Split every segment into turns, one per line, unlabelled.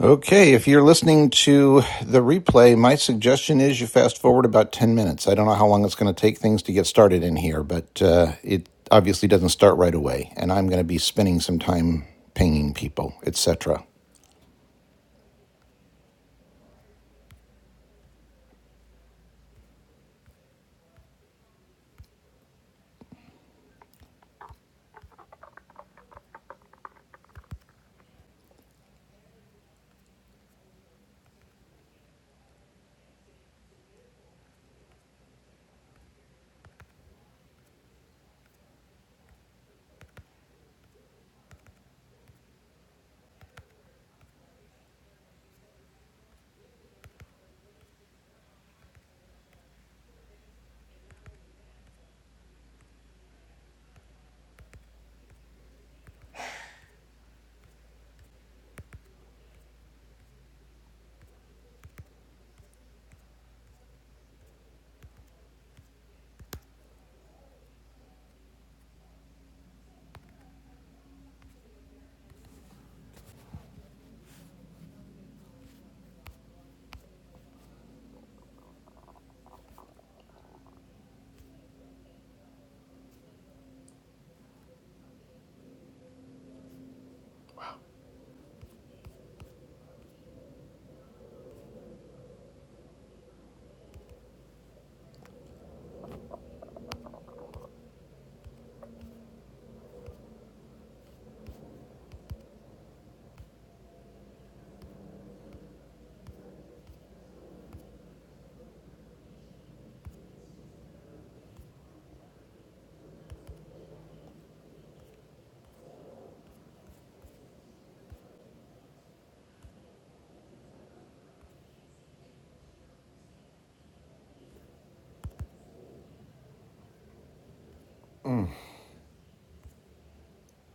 Okay, if you're listening to the replay, my suggestion is you fast forward about 10 minutes. I don't know how long it's going to take things to get started in here, but uh, it obviously doesn't start right away, and I'm going to be spending some time pinging people, etc.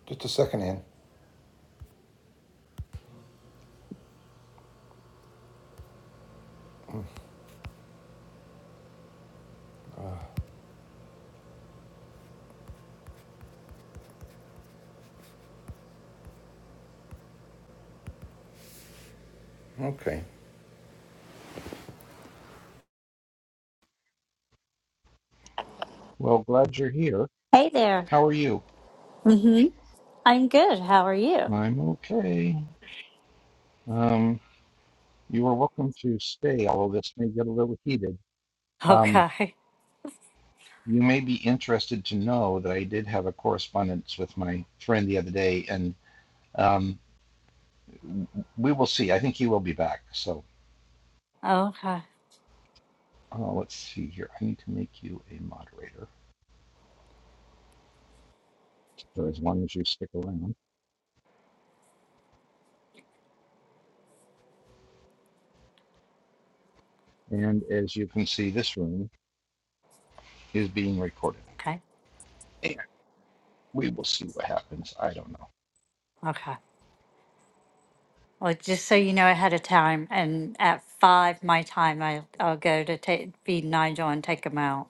Just a second, Ann. Okay. Well, glad you're here.
Hey there.
How are you?
hmm I'm good. How are you?
I'm okay. Um, you are welcome to stay, although this may get a little heated. Um,
Okay.
you may be interested to know that I did have a correspondence with my friend the other day, and Um, we will see. I think he will be back. So
Okay.
uh, let's see here. I need to make you a moderator. So as long as you stick around. And as you can see, this room is being recorded.
Okay.
And we will see what happens. I don't know.
Okay. Well, just so you know ahead of time, and at five my time, I I'll go to take feed Nigel and take him out.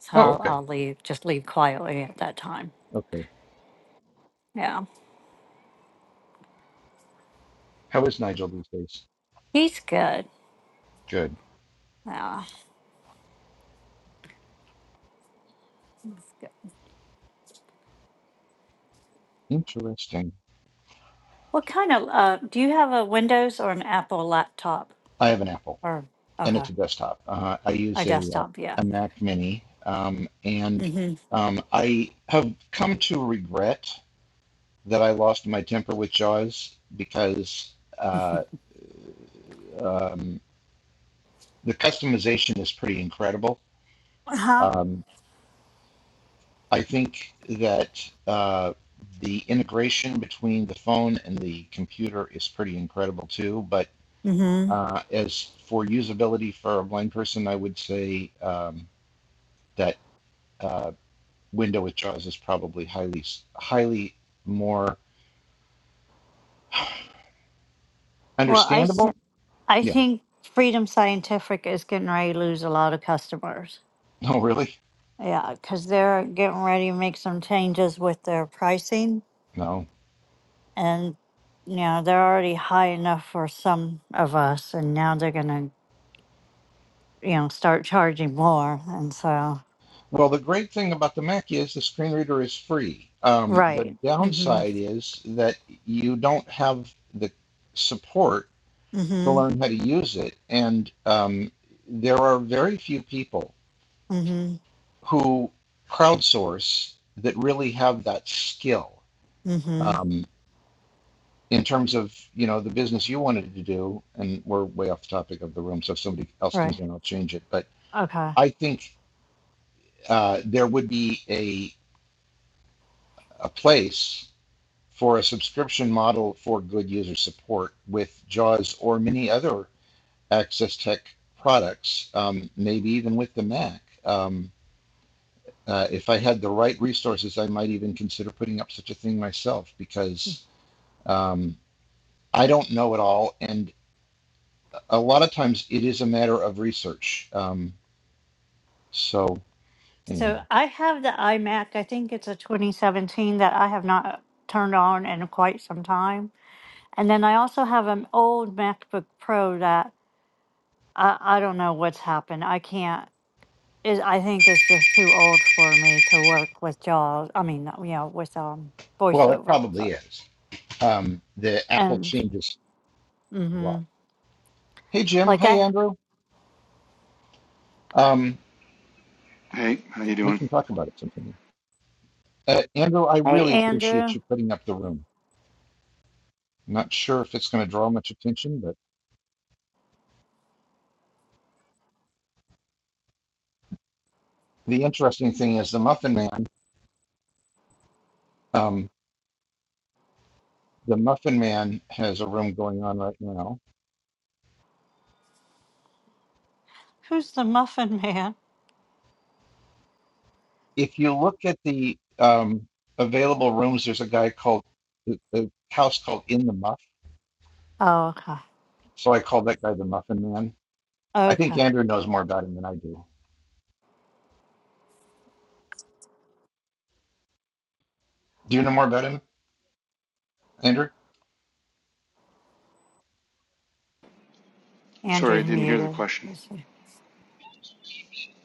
So
Oh,
I'll
okay.
I'll leave. Just leave quietly at that time.
Okay.
Yeah.
How is Nigel these days?
He's good.
Good.
Yeah.
Interesting.
What kind of uh do you have a Windows or an Apple laptop
I have an Apple
or
and it's
okay.
a desktop. Uh, I
A
use a, uh,
desktop, yeah.
a Mac Mini. Um, and
Mm-hmm.
um, I have come to regret that I lost my temper with Jaws because uh, um, the customization is pretty incredible.
Uh-huh.
Um, I think that uh, the integration between the phone and the computer is pretty incredible too. But
Mm-hmm.
uh, as for usability for a blind person, I would say um, that uh, Window with Jaws is probably highly highly more
Well, I s-
understandable.
I
Yeah.
think Freedom Scientific is getting ready to lose a lot of customers.
Oh, really?
Yeah, because they're getting ready to make some changes with their pricing.
No.
And, you know, they're already high enough for some of us. And now they're going to, you know, start charging more. And so,
Well, the great thing about the Mac is the screen reader is free. Um, the
right. Mm hmm.
downside is that you don't have the support
Mm
to learn how to use it. And um, there are very few people
hmm. Mm hmm.
who crowdsource that really have that skill
Mm hmm.
um, in terms of, you know, the business you wanted to do. And we're way off the topic of the room. So if somebody else comes
Right.
in, I'll change it. But
Okay.
I think uh, there would be a, a place for a subscription model for good user support with JAWS or many other Access Tech products, um, maybe even with the Mac. Um, uh, if I had the right resources, I might even consider putting up such a thing myself because um, I don't know it all. And a lot of times it is a matter of research. Um, so, anyhow,
So I have the iMac. I think it's a 2017 that I have not turned on in quite some time And then I also have an old MacBook Pro that I, I don't know what's happened. I can't. It, I think it's just too old for me to work with JAWS. I mean, not- you know, with um
well, it
voiceover. Sorry.
probably is. Um, the Apple
And
changes a lot.
mm-hmm.
Hey, Jim.
like
Hey,
I,
Andrew. Um,
Hey, how you
we
doing?
can talk about it sometime. Uh, Andrew, I
hey
really appreciate
Andrew,
you putting up the room. I'm not sure if it's going to draw much attention, but the interesting thing is the Muffin Man. Um, the Muffin Man has a room going on right now.
who's the Muffin Man?
If you look at the um, available rooms, there's a guy called the, the house called In the Muff.
Oh, okay,
So I call that guy the Muffin Man. I think
okay.
Andrew knows more about him than I do. Do you know more about him, Andrew?
Sorry, I
Andrew's
didn't hear the
muted.
question.
Let's see.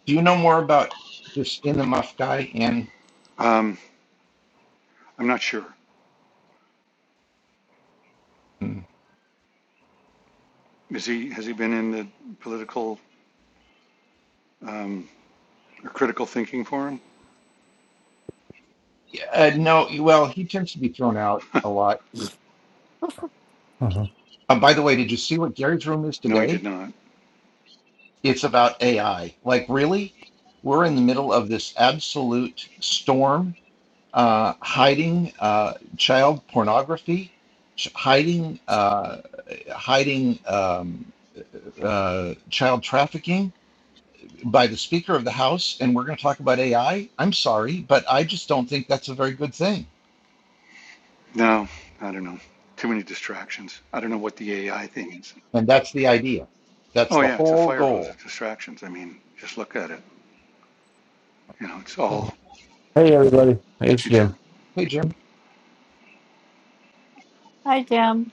Do you know more about this In the Muff guy? And
Um, I'm not sure.
Mm.
Is he has he been in the political um, or critical thinking forum?
Yeah, uh, no, well, he tends to be thrown out a lot
Uh-huh.
Um, by the way, did you see what Gary's room is
No, he did
today?
not.
It's about AI. Like, really? We're in the middle of this absolute storm, uh, hiding uh, child pornography, ch- hiding uh, hiding um, uh, child trafficking by the Speaker of the House, and we're going to talk about AI. I'm sorry, but I just don't think that's a very good thing.
No, I don't know. Too many distractions. I don't know what the AI thing is.
And that's the idea. That's
Oh
the
yeah, it's a
whole
fire hose
goal.
of distractions. I mean, just look at it. You know, it's all.
Uh, Hey everybody, it's
Hey
Jim.
Jim.
Hey, Jim,
Hi Jim.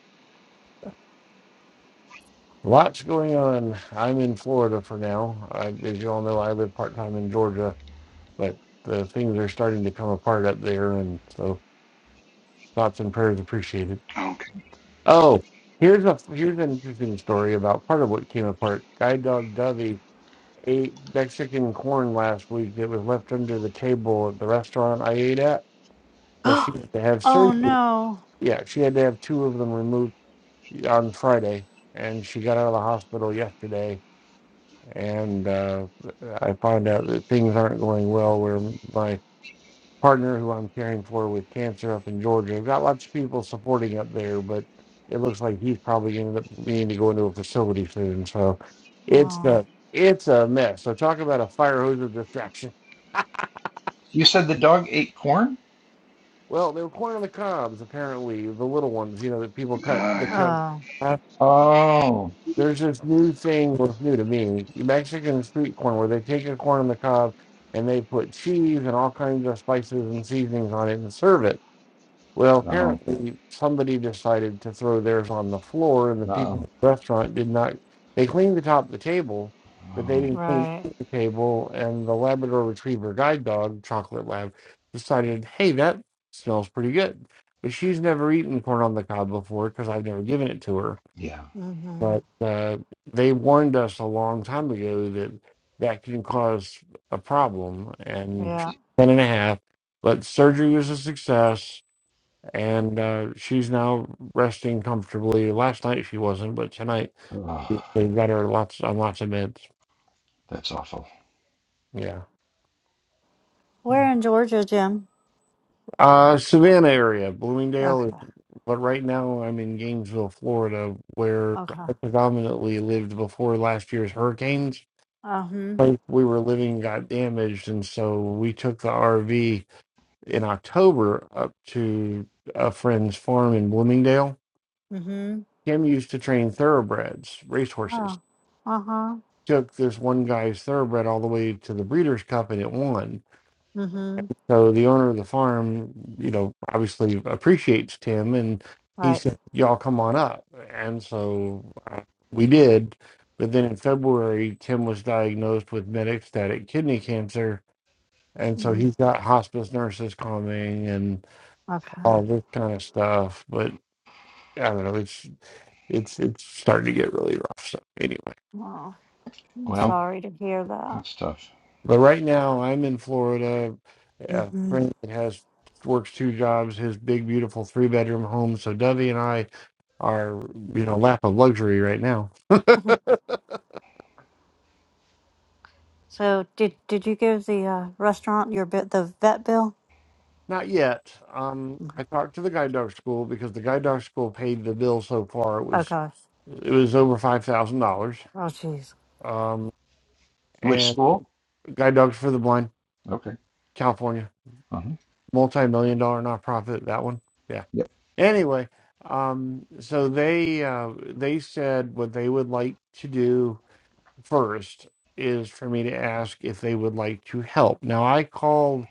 Lots going on. I'm in Florida for now. I, as you all know, I live part time in Georgia, but the things are starting to come apart up there, and so thoughts and prayers appreciated.
Oh, okay.
Oh, here's a here's an interesting story about part of what came apart. Guide dog Dovey ate Mexican corn last week that was left under the table at the restaurant I ate at, so she
oh
had to have surgery.
no.
Yeah, she had to have two of them removed on Friday, and she got out of the hospital yesterday. And uh, I found out that things aren't going well. Where my partner, who I'm caring for with cancer up in Georgia, I've got lots of people supporting up there, but it looks like he's probably going to end up needing to go into a facility soon. So it's
Oh,
a it's a mess. So talk about a fire hose of distraction.
you said the dog ate corn?
Well, they were corn on the cobs, apparently the little ones, you know, that people cut
Ah,
the
yeah.
cut.
oh,
Oh,
There's this new thing was new to me. Mexican street corn where they take a corn on the cob and they put cheese and all kinds of spices and seasonings on it and serve it. Well,
no.
apparently somebody decided to throw theirs on the floor and the people
Uh-oh.
at the restaurant did not they cleaned the top of the table, but they
Oh,
didn't clean
right.
the table and the Labrador Retriever guide dog, chocolate lab, decided, hey, that smells pretty good. But she's never eaten corn on the cob before because I've never given it to her.
yeah.
Mm-hmm.
But uh, they warned us a long time ago that that can cause a problem. And
Yeah.
ten and a half, but surgery was a success, and uh, she's now resting comfortably. Last night she wasn't, but tonight
Oh,
they got her lots on lots of meds.
that's awful.
Yeah.
Where in Georgia, Jim?
Uh, Savannah area,
Okay.
Bloomingdale, but right now I'm in Gainesville, Florida, where
Okay.
I predominantly lived before last year's hurricanes
Uh-huh.
place we were living got damaged, and so we took the RV in October up to a friend's farm in Bloomingdale.
Mm-hmm.
Kim used to train thoroughbreds, racehorses.
Oh. Uh-huh.
Took this one guy's thoroughbred all the way to the Breeders' Cup, and it won.
Mm-hmm.
So the owner of the farm, you know, obviously appreciates Tim, and he
Right.
said, "Y'all come on up." And so uh, we did. But then in February, Tim was diagnosed with metastatic kidney cancer, And so
Mm.
he's got hospice nurses coming and
Okay.
all this kind of stuff. But I don't know, it's it's it's starting to get really rough. So anyway,
Well, I'm
Well,
sorry to hear that.
that's tough.
but right now I'm in Florida. A
Mm-hmm.
friend that has works two jobs, his big beautiful three bedroom home. So Dovey and I are you know lap of luxury right now.
so did did you give the uh, restaurant your bit the vet bill?
Not yet. Um, I talked to the guide dog school because the guide dog school paid the bill so far. It
Oh
was
gosh.
it was over five thousand dollars
Oh jeez.
Um,
Which
and
school?
Guide Dogs for the Blind,
Okay.
California,
Uh-huh.
multi-million dollar nonprofit. That one, yeah.
Yep.
Anyway, um, so they uh, they said what they would like to do first is for me to ask if they would like to help. Now I called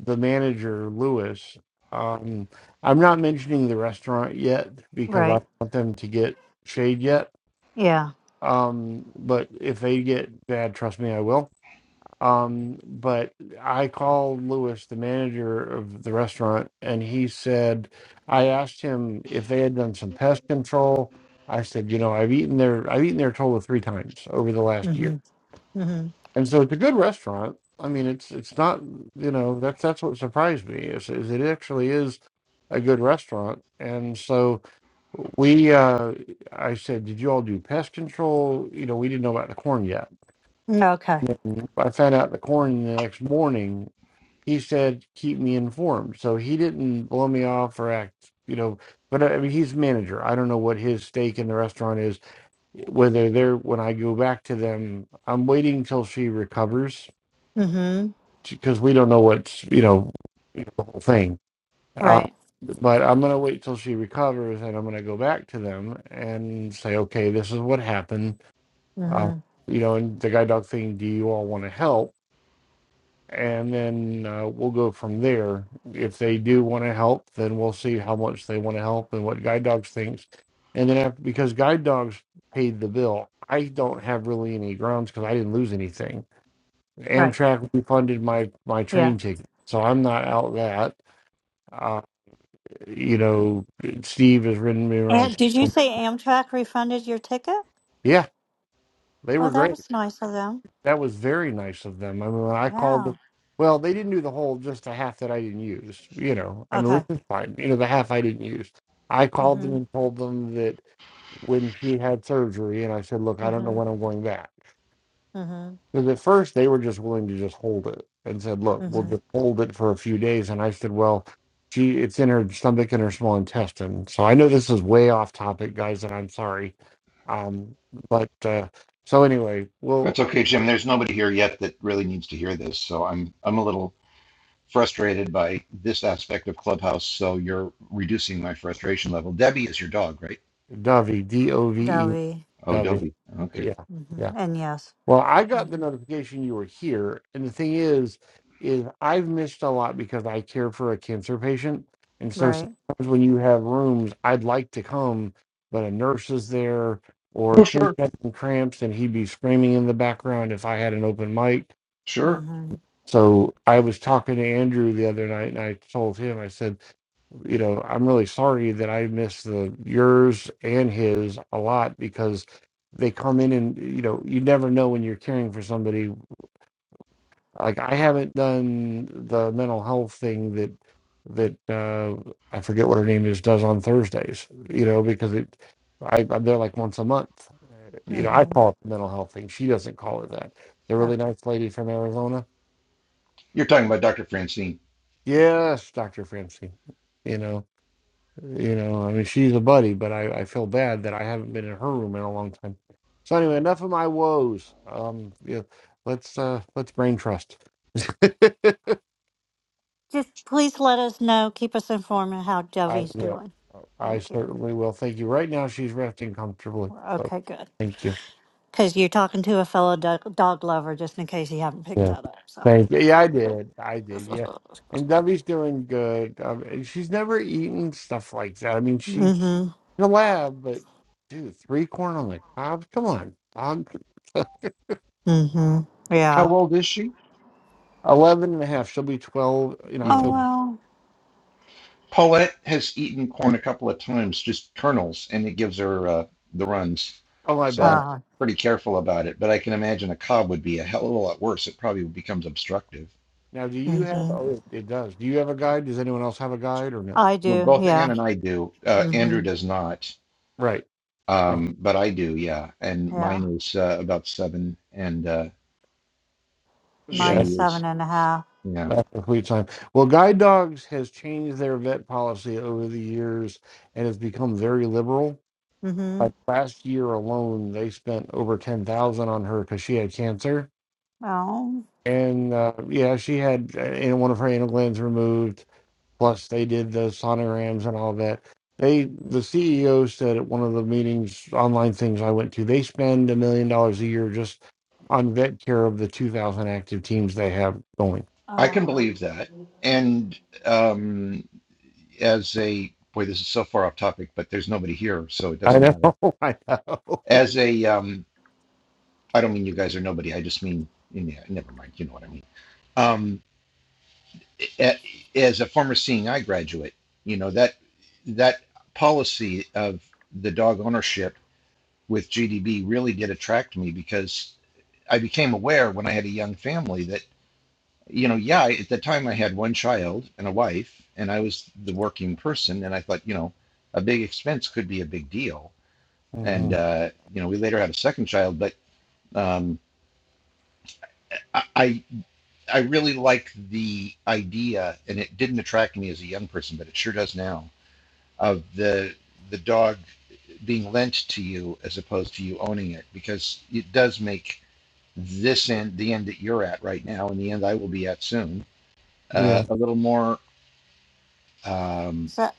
the manager Lewis. Um, I'm not mentioning the restaurant yet because I
Right.
don't want them to get shade yet.
Yeah.
Um, but if they get bad, trust me, I will Um, but I called Lewis, the manager of the restaurant, and he said, I asked him if they had done some pest control. I said, you know, I've eaten there, I've eaten there a total of three times over the last year.
Mm-hmm. Mm-hmm.
And so it's a good restaurant. I mean, it's, it's not, you know, that's, that's what surprised me is, is it actually is a good restaurant. And so we, uh, I said, did you all do pest control? You know, we didn't know about the corn yet.
Okay.
I found out the corn the next morning he said keep me informed so he didn't blow me off or act you know but i I mean he's manager i don't know what his stake in the restaurant is whether they're when i go back to them i'm waiting till she recovers
Mm-hmm.
because we don't know what's you know you know, the whole thing uh,
Right.
but i'm going to wait till she recovers and i'm going to go back to them and say okay this is what happened uh,
Mm-hmm.
you know and the guide dog thing do you all want to help and then uh, we'll go from there. If they do want to help, then we'll see how much they want to help and what Guide Dogs thinks. And then after, because Guide Dogs paid the bill, I don't have really any grounds because I didn't lose anything.
Right.
Amtrak refunded my my
Yeah.
train ticket, so I'm not out that. Uh, you know, Steve has ridden me
And
around.
did you say Amtrak refunded your ticket?
Yeah, they
Oh,
were
that
great.
was nice of them.
That was very nice of them. I mean, when I
Yeah.
called, well, they didn't do the whole, just the half that I didn't use, you know, I mean,
Okay.
which is fine, you know, the half I didn't use. I called them
Mm-hmm.
and told them that when she had surgery, and I said, look, I don't know
Mm-hmm.
when I'm going back.
Mm-hmm.
Because at first they were just willing to just hold it and said, look, we'll
Mm-hmm.
just hold it for a few days. And I said, well, she, it's in her stomach and her small intestine. So I know this is way off topic, guys, and I'm sorry. Um, but uh, so anyway,
That's
we'll,
okay, Jim. There's nobody here yet that really needs to hear this, so I'm I'm a little frustrated by this aspect of Clubhouse. So you're reducing my frustration level. Debbie is your dog, right?
Dovey, D O V E
Dovey.
Oh,
Dovey.
Dobie. Okay.
Yeah, yeah.
Mm-hmm. And yes.
Well, I got the
hmm
notification you were here, and the thing is, is I've missed a lot because I care for a cancer patient, and so
Right.
sometimes when you have rooms, I'd like to come, but a nurse is there, or
Oh,
Tim's
sure,
got some cramps, and he'd be screaming in the background if I had an open mic.
sure.
Mm-hmm.
So I was talking to Andrew the other night, and I told him, I said, you know, I'm really sorry that I miss the yours and his a lot because they come in and you know you never know when you're caring for somebody. Like I haven't done the mental health thing that that uh, I forget what her name is does on Thursdays. You know because it I, I'm there like once a month. You know
Yeah.
I
Mm-hmm.
call it the mental health thing. She doesn't call it that. The really
Okay.
nice lady from Arizona
You're talking about Dr. Francine.
Yes, Dr. Francine. You know, you know, I mean, she's a buddy, but I, I feel bad that I haven't been in her room in a long time. So anyway, enough of my woes. Um, yeah, let's uh let's brain trust.
Just please let us know. Keep us informed of how
I
Dovey's
will.
doing.
I
Thank you.
certainly will. Thank you. Right now she's resting comfortably.
we
So
Okay, good.
thank you.
Because you're talking to a fellow dog, dog lover, just in case you haven't picked
Yeah.
that up. So.
Thank you. Yeah, I did. I did. Yeah. And Debbie's doing good. Um, and she's never eaten stuff like that. I mean, she
mm-hmm.
the lab, but dude, three corn on the cob? Come on. dog,
Mm-hmm.
How
Yeah.
old is she?
11 and a half. She'll be 12 in
Yeah.
Oh
October.
well.
Paulette has eaten corn a couple of times, just kernels, and it gives her uh, the runs.
Oh, I
So I'm
bet.
Uh.
pretty careful about it. But I can imagine a cob would be a hell of a lot worse. It probably becomes obstructive.
Now, do you have,
Mm-hmm.
oh, it it does. Do you have a guide? Does anyone else have a guide or no?
I
Well,
do.
both Ann
Yeah.
and I do. Uh, Andrew
Mm-hmm.
does not,
Right. Right.
um, but I do. Yeah, and
Yeah.
mine is uh, about seven, and uh, she
Yeah,
Mine's
is.
seven and a half.
Yeah,
that's complete time. Well, guide dogs has changed their vet policy over the years and has become very liberal.
Mm-hmm.
Like last year alone, they spent over 10000 on her because she had cancer.
Oh.
And uh, yeah, she had uh, and one of her anal glands removed Plus, they did the sonograms and all that. They, the CEO said at one of the meetings, online things I went to, they spend a million dollars a year just on vet care of the 2,000 active teams they have going.
I can
Oh.
believe that. And um, as a boy, this is so far off topic, but there's nobody here, so it
I
doesn't
know,
matter.
I know.
As a um, I don't mean you guys are nobody. I just mean, yeah, never mind. You know what I mean. Um, as a former seeing eye graduate, you know that that policy of the dog ownership with GDB really did attract me because I became aware when I had a young family that you know, yeah, at the time I had one child and a wife, and I was the working person, and I thought, you know, a big expense could be a big deal. And
hmm
uh, you know, we later had a second child, but um, I, I really like the idea, and it didn't attract me as a young person, but it sure does now, of the the dog being lent to you as opposed to you owning it, because it does make this end, the end that you're at right now, and the end I will be at soon, uh,
Yeah.
a little more. Um,
wow.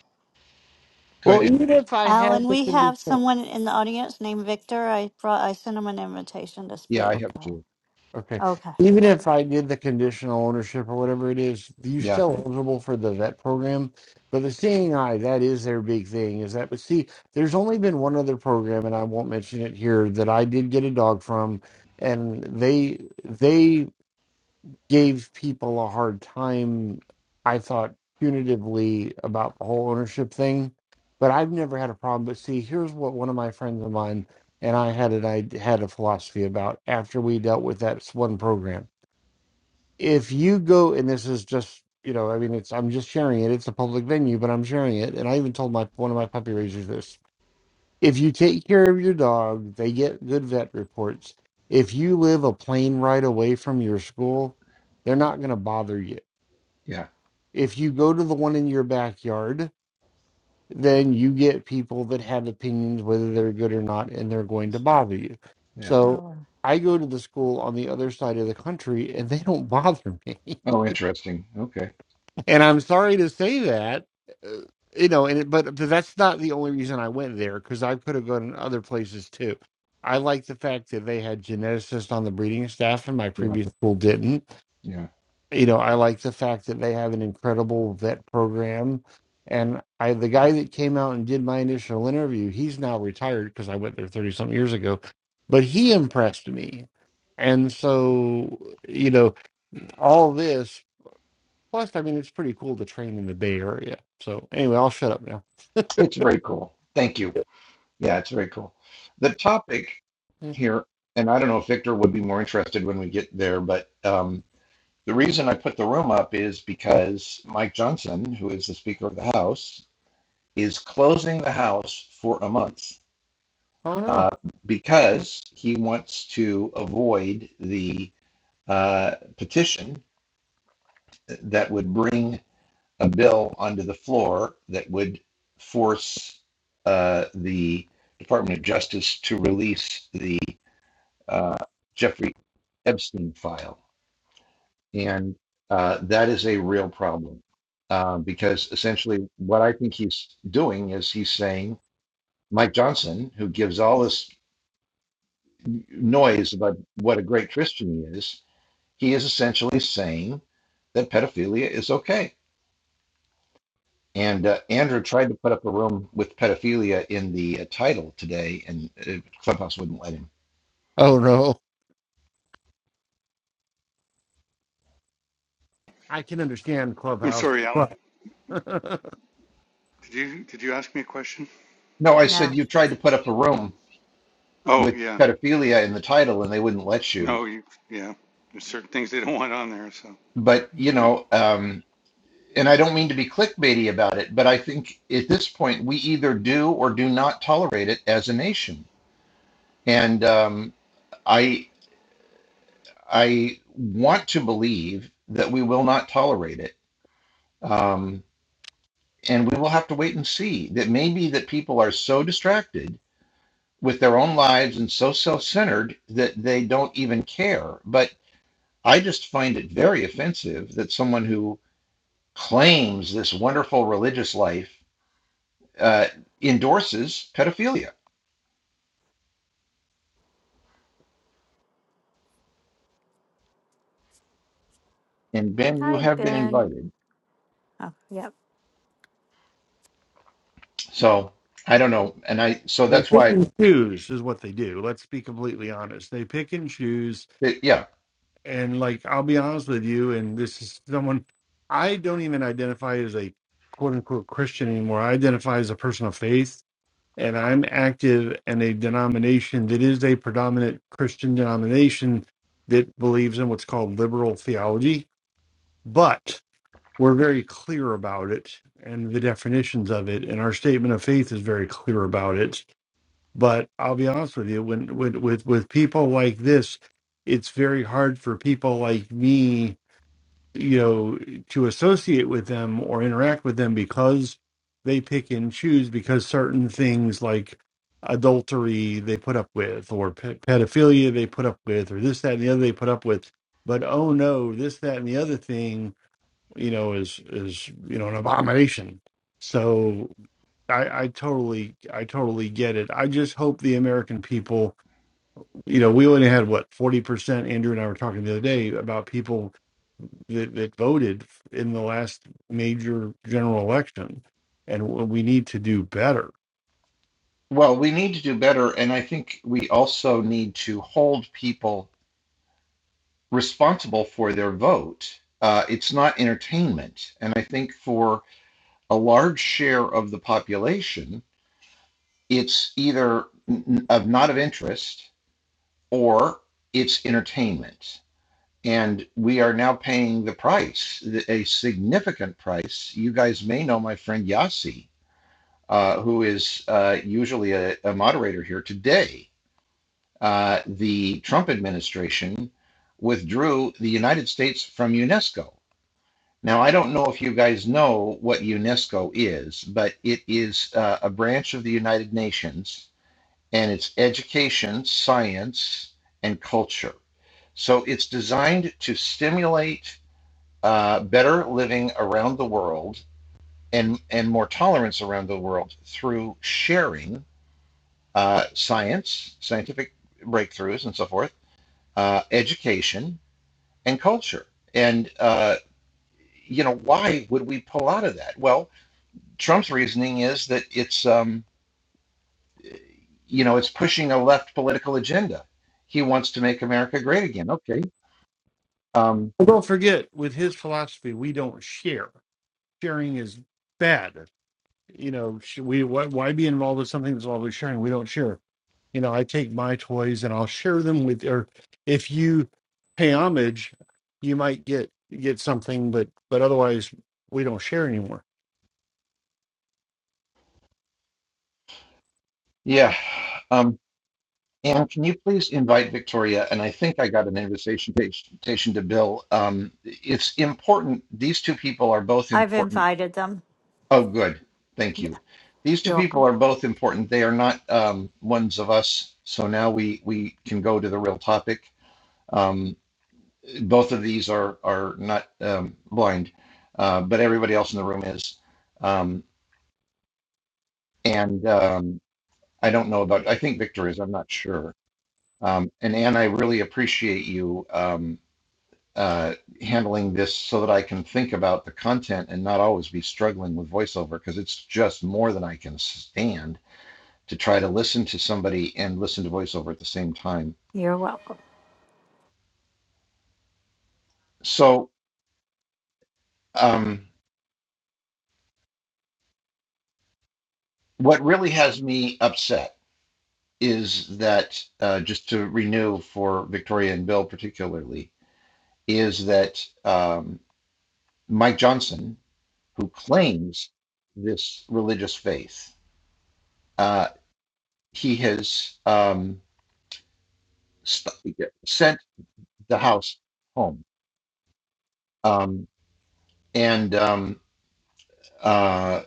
go ahead,
Well,
and
even if I had
Alan,
the
we have
condition.
someone in the audience named Victor. I brought, I sent him an invitation to
yeah, I
speak.
have
Oh,
two.
Okay.
okay,
Even if
sorry.
I did the conditional ownership or whatever it is, you
Yeah,
still eligible for the vet program. But the seeing eye, that is their big thing, is that but see, there's only been one other program and I won't mention it here that I did get a dog from and they they gave people a hard time, I thought punitively about the whole ownership thing. But I've never had a problem. But see, here's what one of my friends of mine and I had an I had a philosophy about after we dealt with that s- one program. If you go and this is just you know, I mean it's I'm just sharing it, it's a public venue, but I'm sharing it. And I even told my one of my puppy raisers this if you take care of your dog, they get good vet reports. If you live a plane ride away from your school, they're not going to bother you.
yeah,
If you go to the one in your backyard, then you get people that have opinions whether they're good or not, and they're going to bother you.
yeah.
So
Oh,
I go to the school on the other side of the country, and they don't bother me.
Oh, interesting. Okay.
And I'm sorry to say that, uh, you know, and it, but that's not the only reason I went there because I could have gone to other places too. I like the fact that they had geneticists on the breeding staff, and my
Yeah,
previous school didn't.
yeah.
You know, I like the fact that they have an incredible vet program. And I, the guy that came out and did my initial interview, he's now retired because I went there thirty some years ago, but he impressed me. And so, you know, all this Plus, I mean, it's pretty cool to train in the Bay Area. So anyway, I'll shut up now.
It's very cool. Thank you. Yeah, it's very cool. The topic.
Hmm.
here, and I don't know if Victor would be more interested when we get there, but um, the reason I put the room up is because Mike Johnson, who is the Speaker of the House, is closing the House for a month
Oh no!
uh, because he wants to avoid the uh, petition that would bring a bill onto the floor that would force uh, the Department of Justice to release the uh, Jeffrey Epstein file. And uh, that is a real problem uh, because essentially what I think he's doing is he's saying Mike Johnson, who gives all this noise about what a great Christian he is, he is essentially saying that pedophilia is okay. And uh, Andrew tried to put up a room with pedophilia in the uh, title today, and uh, Clubhouse wouldn't let him.
Oh no! I can understand
I'm
Clubhouse,
sorry, Alan.
but
Did you did you ask me a question?
No, I said
no.
you tried to put up a room
Oh
with
yeah.
pedophilia in the title, and they wouldn't let you.
No, you yeah. There's certain things they don't want on there. So
But you know, um, and I don't mean to be clickbaity about it, but I think at this point we either do or do not tolerate it as a nation. And um, I I want to believe that we will not tolerate it, um, and we will have to wait and see. That maybe that people are so distracted with their own lives and so self-centered that they don't even care. But I just find it very offensive that someone who claims this wonderful religious life uh, endorses pedophilia. And Ben, you
Hi,
have been
Ben.
invited.
Oh, yep.
So I don't know. And I, so
they
that's
pick
why,
and choose is what they do. Let's be completely honest. They pick and choose,
it, yeah.
and like I'll be honest with you, and this is someone I don't even identify as a quote unquote Christian anymore. I identify as a person of faith and I'm active in a denomination that is a predominant Christian denomination that believes in what's called liberal theology, but we're very clear about it and the definitions of it, and our statement of faith is very clear about it. But I'll be honest with you, when, when with with people like this, it's very hard for people like me you know to associate with them or interact with them because they pick and choose because certain things like adultery they put up with or pe- pedophilia they put up with or this that and the other they put up with but oh no this that and the other thing you know is is you know an abomination so i i totally i totally get it i just hope the american people you know we only had what 40% andrew and i were talking the other day about people that, that voted in the last major general election. And we need to do better.
Well, we need to do better. And I think we also need to hold people responsible for their vote. Uh, it's not entertainment. And I think for a large share of the population, it's either n- of not of interest or it's entertainment and we are now paying the price, a significant price. You guys may know my friend Yasi, uh, who is uh, usually a, a moderator here today. Uh, the Trump administration withdrew the United States from UNESCO. Now, I don't know if you guys know what UNESCO is, but it is uh, a branch of the United Nations, and it's education, science, and culture. So it's designed to stimulate uh, better living around the world and and more tolerance around the world through sharing uh, science, scientific breakthroughs, and so forth, uh, education and culture. And uh, you know, why would we pull out of that? Well, Trump's reasoning is that it's um, you know it's pushing a left political agenda. He wants to make America great again. Okay. Um,
Well, don't forget, with his philosophy, we don't share. Sharing is bad. You know, sh- we why, why be involved with something that's always sharing? We don't share. You know, I take my toys and I'll share them with, or if you pay homage, you might get get something, but but otherwise, we don't share anymore.
yeah. Um, And can you please invite Victoria? And I think I got an invitation invitation to Bill. Um, it's important. These two people are both
I've
important.
invited them.
Oh, good. Thank you. These two
You're
people
welcome.
are both important. They are not um, ones of us. So now we we can go to the real topic. Um, both of these are are not um, blind, uh, but everybody else in the room is. Um, and um, I don't know about. I think Victor is. I'm not sure. Um, and Anne, I really appreciate you. um, uh, handling this so that I can think about the content and not always be struggling with voiceover because it's just more than I can stand to try to listen to somebody and listen to voiceover at the same time.
You're welcome.
So, um, what really has me upset is that uh, just to renew for Victoria and Bill particularly is that um, Mike Johnson, who claims this religious faith, uh, he has um, st- sent the house home um, and um, uh,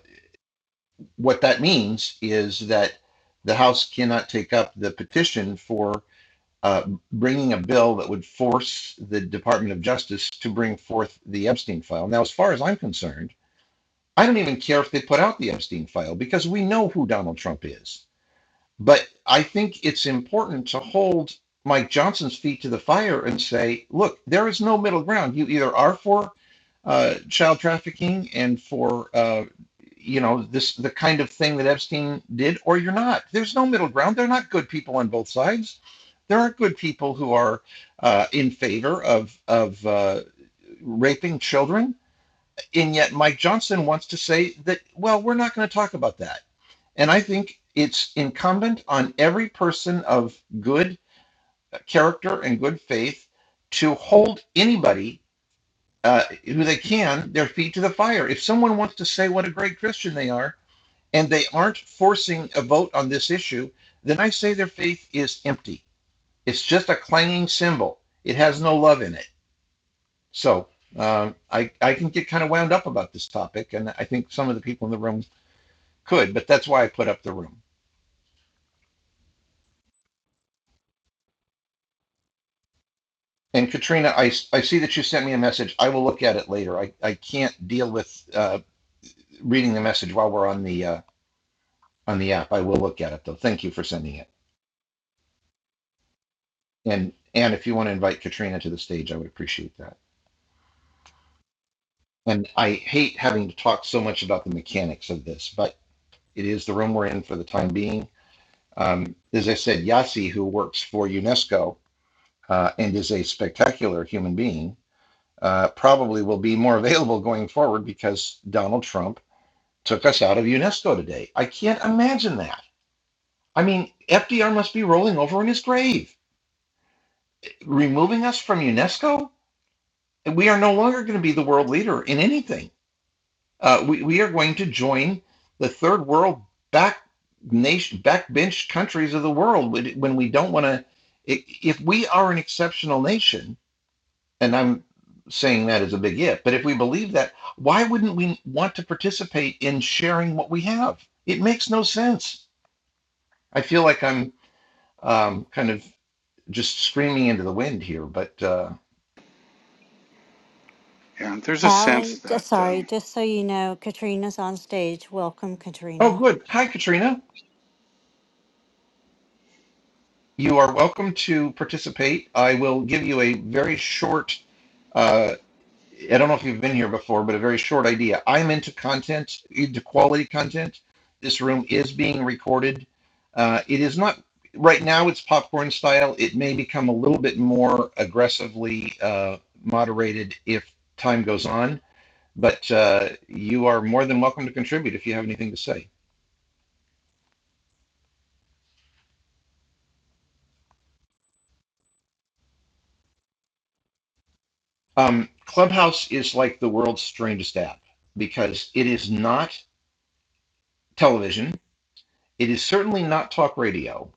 what that means is that the house cannot take up the petition for uh, bringing a bill that would force the department of justice to bring forth the epstein file now as far as i'm concerned i don't even care if they put out the epstein file because we know who donald trump is But I think it's important to hold Mike Johnson's feet to the fire and say, look, there is no middle ground. You either are for uh, child trafficking and for uh, you know this the kind of thing that Epstein did, or you're not. There's no middle ground. They're not good people on both sides. There are good people who are uh, in favor of of uh, raping children, and yet Mike Johnson wants to say that. Well, we're not going to talk about that and I think it's incumbent on every person of good character and good faith to hold anybody uh, who they can their feet to the fire. If someone wants to say what a great Christian they are and they aren't forcing a vote on this issue, then I say their faith is empty. It's just a clanging cymbal, it has no love in it. So um, I, I can get kind of wound up about this topic, and I think some of the people in the room could, but that's why I put up the room. And Katrina, I I see that you sent me a message. I will look at it later. I, I can't deal with uh, reading the message while we're on the uh, on the app. I will look at it though. Thank you for sending it. And and if you want to invite Katrina to the stage, I would appreciate that. And I hate having to talk so much about the mechanics of this, but it is the room we're in for the time being. Um, as I said, Yassi, who works for UNESCO uh, and is a spectacular human being, uh, probably will be more available going forward because Donald Trump took us out of UNESCO today. I can't imagine that. I mean, FDR must be rolling over in his grave. Removing us from UNESCO? We are no longer going to be the world leader in anything. Uh, we, we are going to join the third world back nation, backbench countries of the world when when we don't want to. If we are an exceptional nation, and I'm saying that is a big if, but if we believe that, why wouldn't we want to participate in sharing what we have? It makes no sense. I feel like I'm um, kind of just screaming into the wind here, but uh,
yeah, there's a sense
Alan, just,
that. Um,
sorry, just so you know, Katrina's on stage. Welcome,
oh,
Katrina.
good. Hi, Katrina. You are welcome to participate. I will give you a very short. Uh, I don't know if you've been here before, but a very short idea. I'm into content, into quality content. This room is being recorded. Uh, it is not right now. It's popcorn style. It may become a little bit more aggressively uh, moderated if time goes on but uh, you are more than welcome to contribute if you have anything to say. Um, Clubhouse is like the world's strangest app because it is not television. It is certainly not talk radio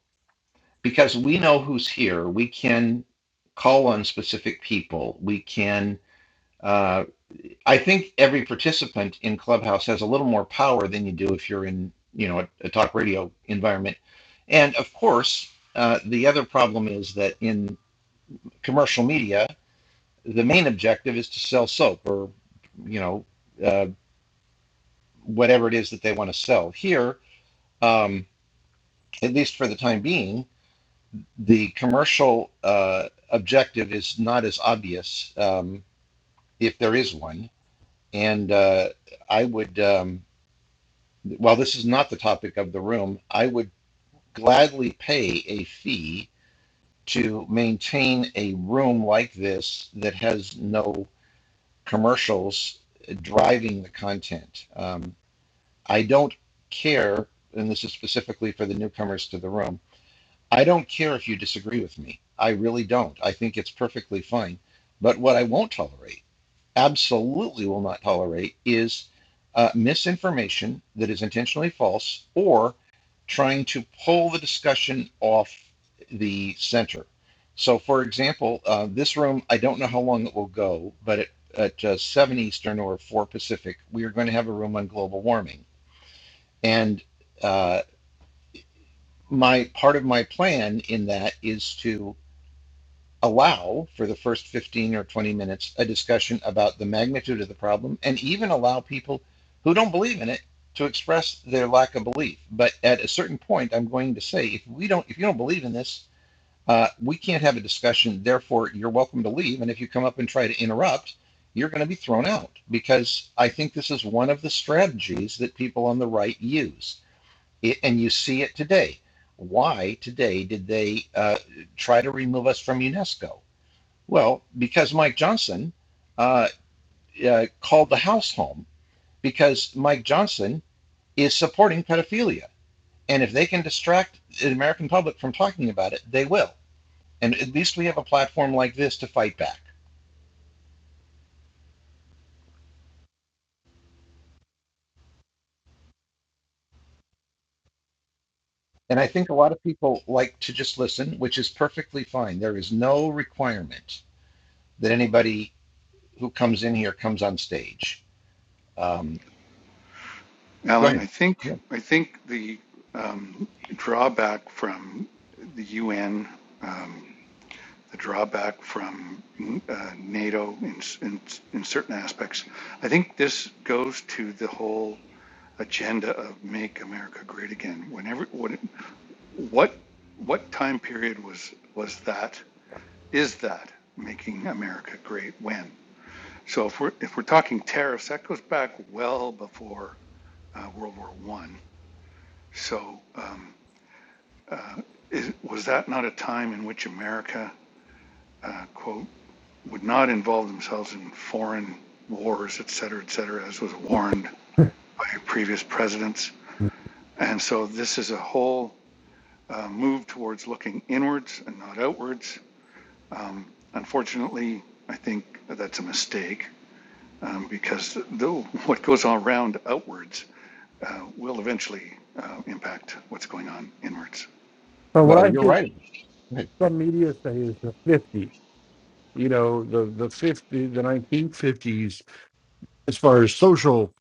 because we know who's here. We can call on specific people. We can. Uh, I think every participant in Clubhouse has a little more power than you do if you're in, you know, a, a talk radio environment. And of course, uh, the other problem is that in commercial media the main objective is to sell soap or you know uh, whatever it is that they want to sell. Here, um, at least for the time being, the commercial uh, objective is not as obvious um, if there is one. And uh, I would, um, while this is not the topic of the room, I would gladly pay a fee to maintain a room like this that has no commercials driving the content. Um, I don't care, and this is specifically for the newcomers to the room, I don't care if you disagree with me. I really don't. I think it's perfectly fine. But what I won't tolerate, absolutely will not tolerate, is uh, misinformation that is intentionally false or trying to pull the discussion off the center. So, for example, uh, this room, I don't know how long it will go, but at, at uh, 7 Eastern or 4 Pacific, we are going to have a room on global warming. And uh, my part of my plan in that is to allow for the first 15 or 20 minutes a discussion about the magnitude of the problem and even allow people who don't believe in it to express their lack of belief. But at a certain point, I'm going to say, if we don't, if you don't believe in this, uh, we can't have a discussion. Therefore, you're welcome to leave. And if you come up and try to interrupt, you're going to be thrown out because I think this is one of the strategies that people on the right use it, and you see it today. Why today did they uh, try to remove us from UNESCO? Well, because Mike Johnson uh, uh, called the house home because Mike Johnson is supporting pedophilia. And if they can distract the American public from talking about it, they will. And at least we have a platform like this to fight back. And I think a lot of people like to just listen, which is perfectly fine. There is no requirement that anybody who comes in here comes on stage. Um, Go
Alan,
ahead.
I think
Yeah.
I think the um, drawback from the UN, um, the drawback from uh, NATO in, in, in certain aspects, I think this goes to the whole agenda of "Make America Great Again." Whenever, when, what what time period was was that? Is that making America great? When? So if we're if we're talking tariffs, that goes back well before uh, World War One. So. um, Is, was that not a time in which America, uh, quote, would not involve themselves in foreign wars, et cetera, et cetera, as was warned by previous presidents? And so this is a whole uh, move towards looking inwards and not outwards. Um, unfortunately, I think that's a mistake um, because though what goes on around outwards uh, will eventually uh, impact what's going on inwards.
So what
Well,
I
you're
hear
right.
some media say is the 50s. you know the the 50 the 1950s as far as social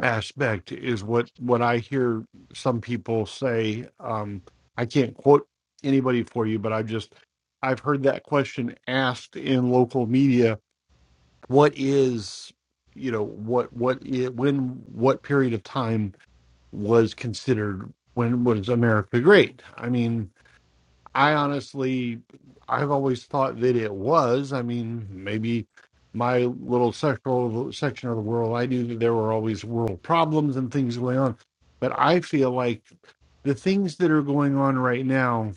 aspect is what what i hear some people say um i can't quote anybody for you but i've just i've heard that question asked in local media what is you know what what i- when what period of time was considered when was america great i mean I honestly, I've always thought that it was. I mean, maybe my little sexual section of the world, I knew that there were always world problems and things going on. But I feel like the things that are going on right now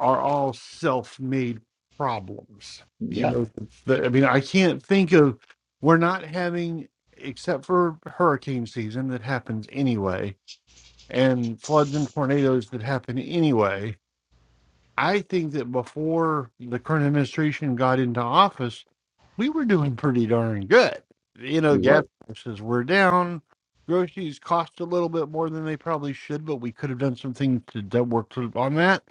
are all self made problems. You
Yeah,
know, the, I mean, I can't think of, we're not having, except for hurricane season that happens anyway, and floods and tornadoes that happen anyway I think that before the current administration got into office, we were doing pretty darn good. You know,
we
gas
were.
prices were down. Groceries cost a little bit more than they probably should, but we could have done some things to that work to- on that.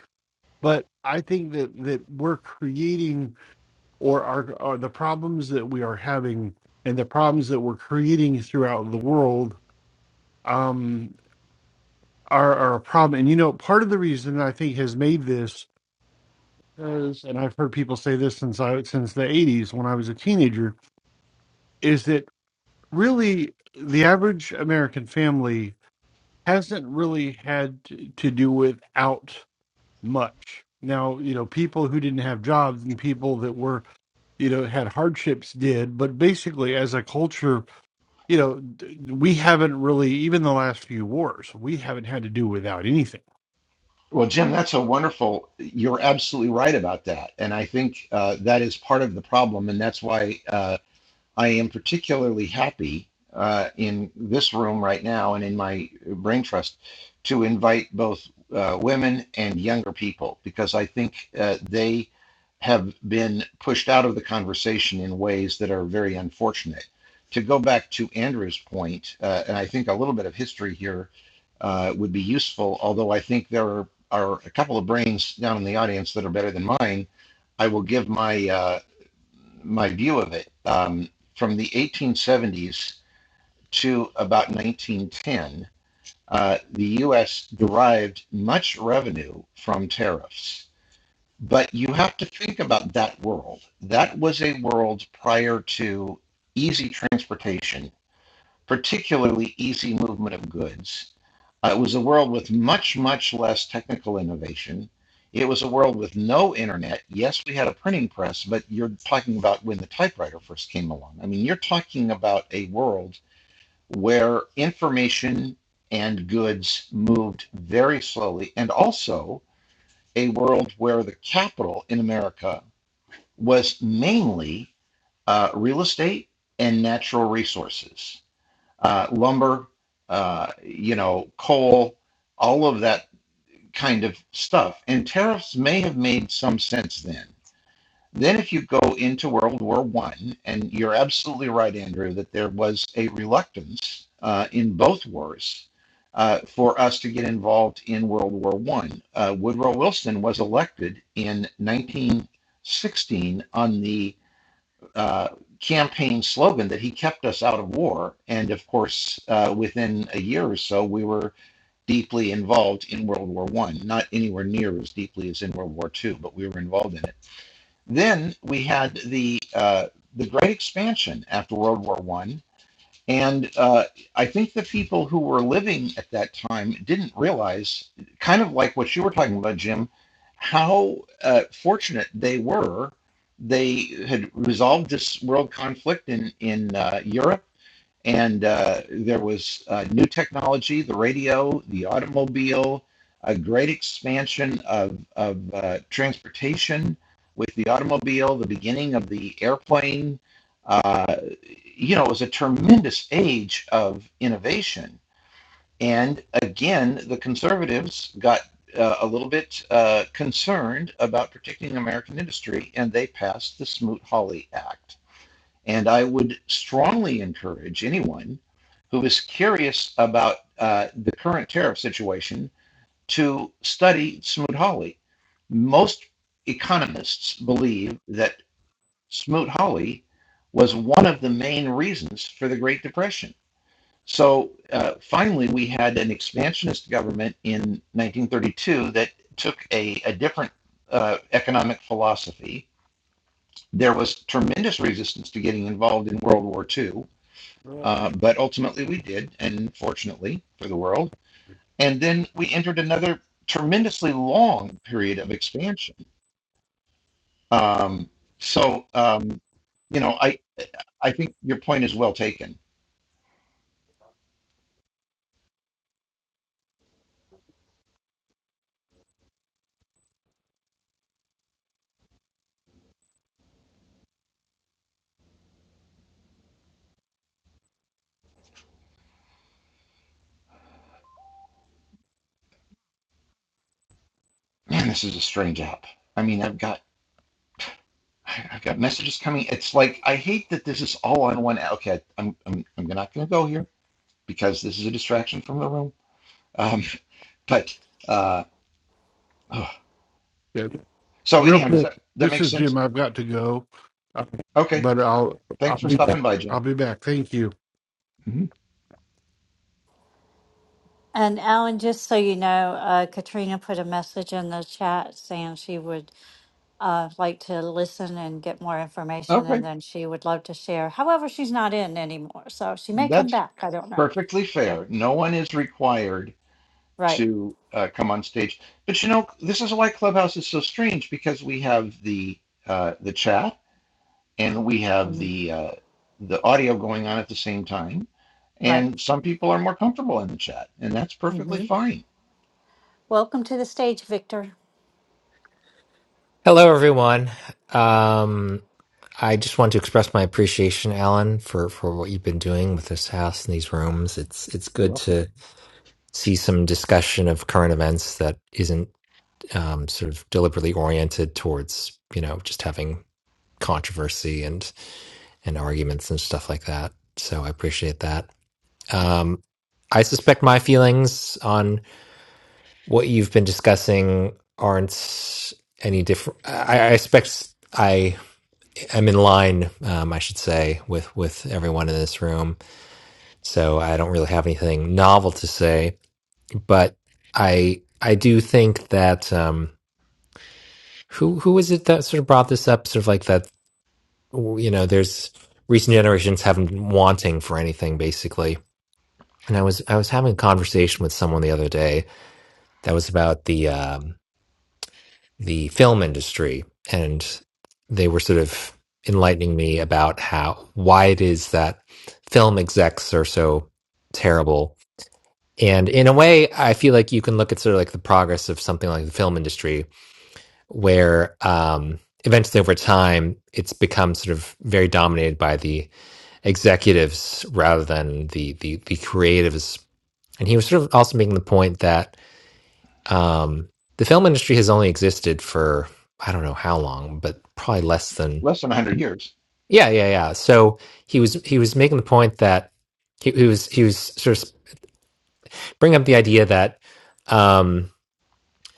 But I think that that we're creating or are, are the problems that we are having and the problems that we're creating throughout the world um, are, are a problem. And you know, part of the reason I think has made this because, and I've heard people say this since I since the '80s when I was a teenager, is that really the average American family hasn't really had t- to do without much. Now, you know, people who didn't have jobs and people that were, you know, had hardships did, but basically as a culture, you know, d- we haven't really, even the last few wars, we haven't had to do without anything.
Well, Jim, that's a wonderful. You're absolutely right about that, and I think uh, that is part of the problem, and that's why uh, I am particularly happy uh, in this room right now and in my brain trust to invite both uh, women and younger people because I think uh, they have been pushed out of the conversation in ways that are very unfortunate. To go back to Andrew's point, uh, and I think a little bit of history here uh, would be useful, although I think there are, are a couple of brains down in the audience that are better than mine. I will give my uh, my view of it um, from the 1870s to about 1910, uh, the U.S. derived much revenue from tariffs. But you have to think about that world. That was a world prior to easy transportation, particularly easy movement of goods uh, it was a world with much, much less technical innovation. It was a world with no internet. Yes, we had a printing press, but you're talking about when the typewriter first came along. I mean, you're talking about a world where information and goods moved very slowly, and also a world where the capital in America was mainly uh, real estate and natural resources, uh, lumber, uh, you know, coal, all of that kind of stuff. And tariffs may have made some sense then. Then, if you go into World War One, and you're absolutely right, Andrew, that there was a reluctance uh, in both wars uh, for us to get involved in World War One. Uh, Woodrow Wilson was elected in 1916 on the uh, campaign slogan that he kept us out of war, and of course, uh, within a year or so, we were deeply involved in World War One, not anywhere near as deeply as in World War Two, but we were involved in it. Then we had the uh, the Great Expansion after World War One, and uh, I think the people who were living at that time didn't realize, kind of like what you were talking about, Jim, how uh, fortunate they were. They had resolved this world conflict in in uh, Europe and uh, there was uh, new technology, the radio, the automobile, a great expansion of, of uh, transportation with the automobile, the beginning of the airplane. Uh, you know, it was a tremendous age of innovation. And again, the conservatives got uh, a little bit uh, concerned about protecting American industry, and they passed the Smoot-Hawley Act and I would strongly encourage anyone who is curious about uh, the current tariff situation to study Smoot-Hawley. Most economists believe that Smoot-Hawley was one of the main reasons for the Great Depression. So uh, finally, we had an expansionist government in 1932 that took a, a different uh, economic philosophy. There was tremendous resistance to getting involved in World War II
Well,
uh, but ultimately, we did, and fortunately for the world. And then we entered another tremendously long period of expansion. Um, so, um, you know, I I think your point is well taken. Man, this is a strange app. I mean, I've got I've got messages coming. It's like I hate that this is all on one. app. Okay, I'm I'm I'm not going to go here because this is a distraction from the room. Um, but uh, oh. so
Real
anyhow, does
quick,
that that
this
make
is
sense?
Jim. I've got to go, Uh,
Okay,
but I'll I'll
thanks for
be back.
stopping by, Jim.
I'll be back. Thank you.
Mm-hmm.
And Alan, just so you know, uh, Katrina put a message in the chat saying she would uh, like to listen and get more information, and
Okay,
then she would love to share. However, she's not in anymore, so she may come
that's
back. I don't know.
perfectly
So-
fair. No one is required
Right.
to uh, come on stage. But you know, this is why Clubhouse is so strange because we have the uh, the chat and we have
Mhm.
the uh, the audio going on at the same time,
Right.
and some people are more comfortable in the chat, and that's perfectly
hmm
fine.
Welcome to the stage, Victor.
Hello, everyone. Um, I just want to express my appreciation, Alan, for, for what you've been doing with this house and these rooms. It's it's
You're
good
welcome.
to see some discussion of current events that isn't um, sort of deliberately oriented towards you know just having controversy and and arguments and stuff like that. So I appreciate that. Um, I suspect my feelings on what you've been discussing aren't any different. I, I expect I. I'm in line, um, I should say, with with everyone in this room. So I don't really have anything novel to say, but I I do think that um, who who is it that sort of brought this up? Sort of like that, you know, there's recent generations haven't been wanting for anything basically. And I was I was having a conversation with someone the other day that was about the um, the film industry and they were sort of enlightening me about how why it is that film execs are so terrible and in a way i feel like you can look at sort of like the progress of something like the film industry where um eventually over time it's become sort of very dominated by the executives rather than the the the creatives and he was sort of also making the point that um, the film industry has only existed for I don't know how long, but probably less than
Less than 100 years.
yeah, yeah, yeah. So he was he was making the point that he, he was he was sort of bringing up the idea that um,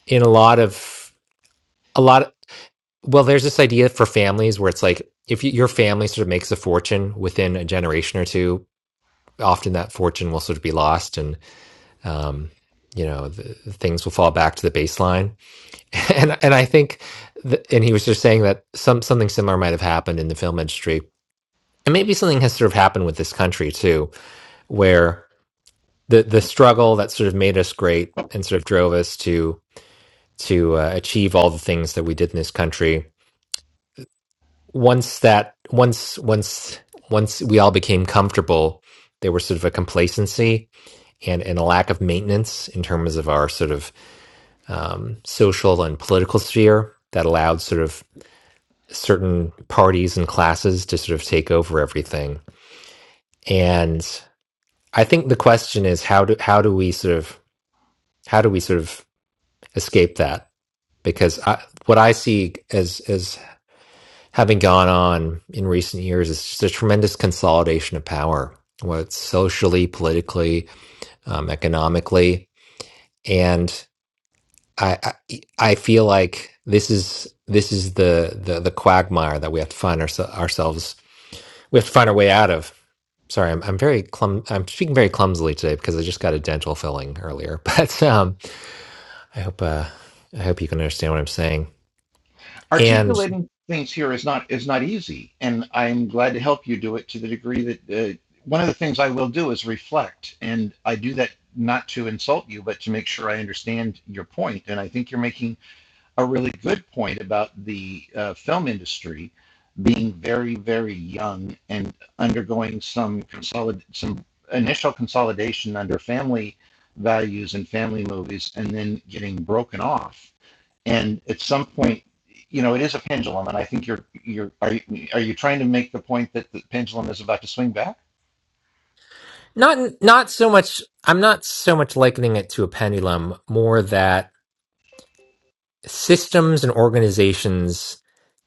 in a lot of a lot of, well, there's this idea for families where it's like if you, your family sort of makes a fortune within a generation or two, often that fortune will sort of be lost and um, you know the, things will fall back to the baseline and and I think, th- and he was just saying that some something similar might have happened in the film industry, and maybe something has sort of happened with this country too, where the the struggle that sort of made us great and sort of drove us to to uh, achieve all the things that we did in this country. Once that once once once we all became comfortable, there was sort of a complacency and and a lack of maintenance in terms of our sort of um, social and political sphere that allowed sort of certain parties and classes to sort of take over everything. And I think the question is how do how do we sort of how do we sort of escape that? Because I, what I see as as having gone on in recent years is just a tremendous consolidation of power, whether it's socially, politically, um, economically, and I, I I feel like this is this is the the, the quagmire that we have to find ourse ourselves we have to find our way out of. Sorry, I'm, I'm very clum. I'm speaking very clumsily today because I just got a dental filling earlier. But um, I hope uh, I hope you can understand what I'm saying. And
articulating things here is not is not easy and i'm glad to help you do it to the degree that uh, one of the things i will do is reflect and i do that not to insult you but to make sure i understand your point point. and i think you're making a really good point about the uh, film industry being very very young and undergoing some consolid some initial consolidation under family values and family movies and then getting broken off and at some point you know it is a pendulum and i think you're you're are you, are you trying to make the point that the pendulum is about to swing back
not not so much. I'm not so much likening it to a pendulum. More that. systems and organizations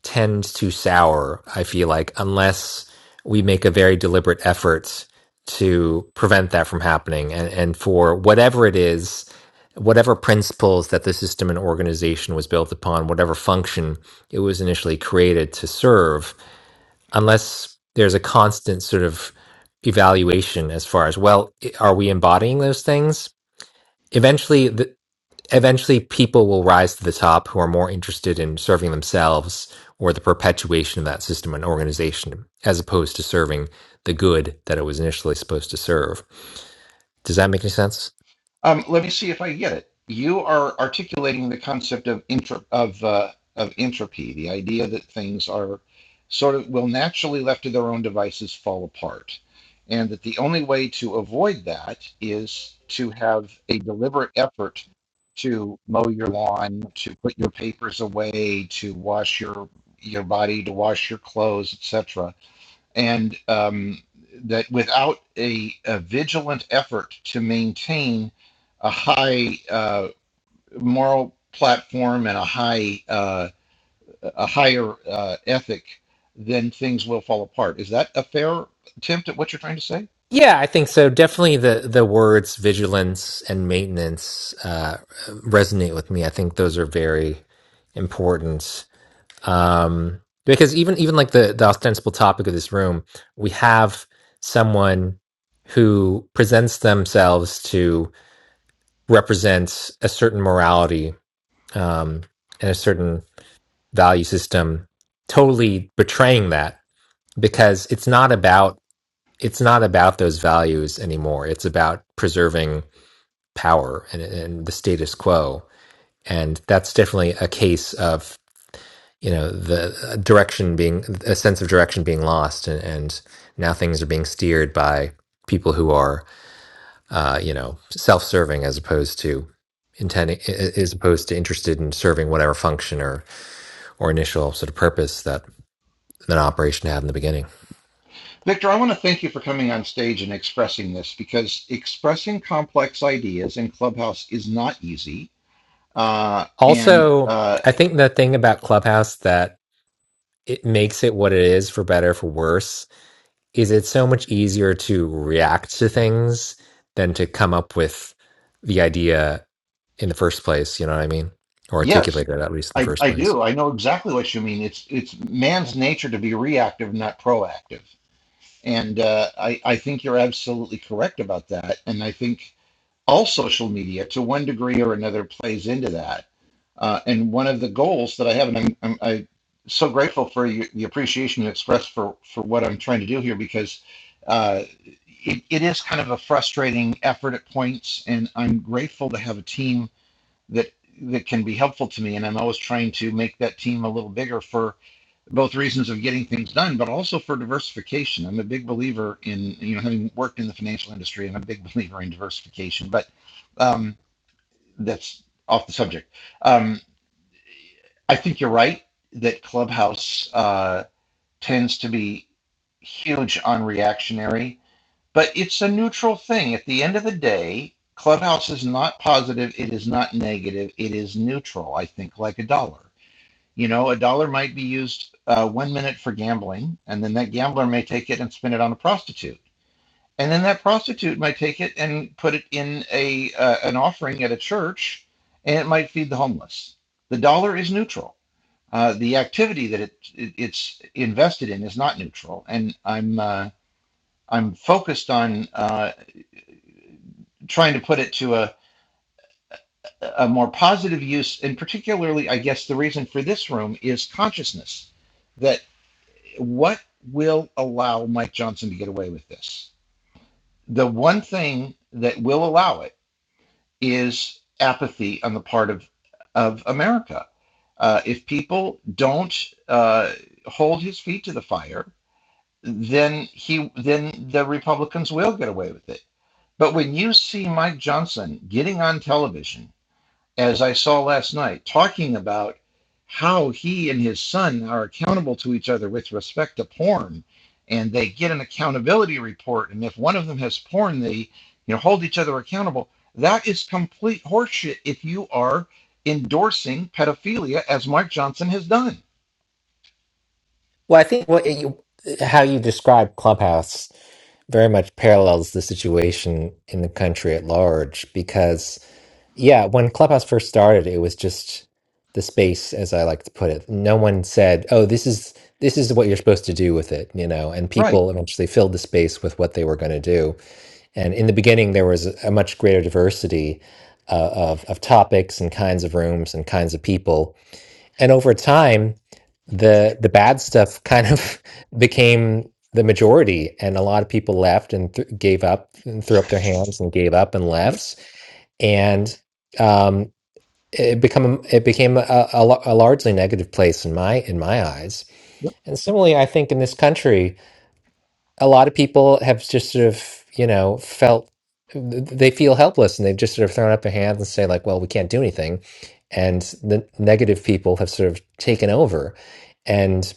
tend to sour, I feel like, unless we make a very deliberate effort to prevent that from happening. And, and for whatever it is, whatever principles that the system and organization was built upon, whatever function it was initially created to serve, unless there's a constant sort of evaluation as far as, well, i- are we embodying those things? Eventually, th- eventually people will rise to the top who are more interested in serving themselves or the perpetuation of that system and organization as opposed to serving the good that it was initially supposed to serve. Does that make any sense?
Um, let me see if I get it. You are articulating the concept of intra, of uh, of entropy, the idea that things are sort of will naturally left to their own devices fall apart, and that the only way to avoid that is to have a deliberate effort to mow your lawn, to put your papers away, to wash your your body, to wash your clothes, etc and um, that without a, a vigilant effort to maintain a high uh, moral platform and a high uh, a higher uh, ethic, then things will fall apart. Is that a fair attempt at what you're trying to say,
Yeah, I think so. Definitely the, the words vigilance and maintenance uh, resonate with me. I think those are very important. um, because even even like the the ostensible topic of this room, we have someone who presents themselves to represent a certain morality um, and a certain value system, totally betraying that because it's not about it's not about those values anymore. It's about preserving power and, and the status quo, and that's definitely a case of you know the uh, direction being a sense of direction being lost and, and now things are being steered by people who are uh, you know self-serving as opposed to intending as opposed to interested in serving whatever function or or initial sort of purpose that an operation had in the beginning
Victor? I want to thank you for coming on stage and expressing this because expressing complex ideas in Clubhouse is not easy, uh, and
also
uh,
i think the thing about clubhouse that it makes it what it is for better or for worse is it's so much easier to react to things than to come up with the idea in the first place. You know what I mean? Or
Yes,
articulate it at least in the
I,
first
I
place.
do. I know exactly what you mean. It's it's man's nature to be reactive, not proactive. And uh, I I think you're absolutely correct about that. And I think all social media, to one degree or another, plays into that. Uh, and one of the goals that I have, and I'm, I'm I so grateful for you, the appreciation you express for for what I'm trying to do here, because uh, it, it is kind of a frustrating effort at points. And I'm grateful to have a team that that can be helpful to me and i'm always trying to make that team a little bigger for both reasons of getting things done but also for diversification i'm a big believer in you know having worked in the financial industry i'm a big believer in diversification but um, that's off the subject um, i think you're right that clubhouse uh, tends to be huge on reactionary but it's a neutral thing. At the end of the day, Clubhouse is not positive, it is not negative, it is neutral, I think, like a dollar. You know, a dollar might be used uh, one minute for gambling, and then that gambler may take it and spend it on a prostitute. And then that prostitute might take it and put it in a uh, an offering at a church, and it might feed the homeless. The dollar is neutral. Uh, the activity that it, it it's invested in is not neutral, and I'm uh, I'm focused on. uh, trying to put it to a, a more positive use, and particularly, I guess, the reason for this room is consciousness. That what will allow Mike Johnson to get away with this? The one thing that will allow it is apathy on the part of, of America. Uh, if people don't uh, hold his feet to the fire, then he then the Republicans will get away with it. But when you see Mike Johnson getting on television as I saw last night, talking about how he and his son are accountable to each other with respect to porn. And they get an accountability report. And if one of them has porn, they you know hold each other accountable. That is complete horseshit if you are endorsing pedophilia as Mark Johnson has done.
Well, I think what you, how you describe Clubhouse very much parallels the situation in the country at large because, yeah, when Clubhouse first started, it was just the space, as I like to put it. No one said, "Oh, this is this is what you're supposed to do with it," you know, and
Right.
people eventually filled the space with what they were going to do. And in the beginning, there was a much greater diversity uh, of, of topics and kinds of rooms and kinds of people. And over time, the the bad stuff kind of became the majority, and a lot of people left and th- gave up and threw up their hands and gave up and
Yep.
left. And um, it become it became a, a, a largely negative place in my in my eyes.
Yep.
And similarly, I think in this country, a lot of people have just sort of you know felt they feel helpless and they've just sort of thrown up their hands and say like well we can't do anything and the negative people have sort of taken over and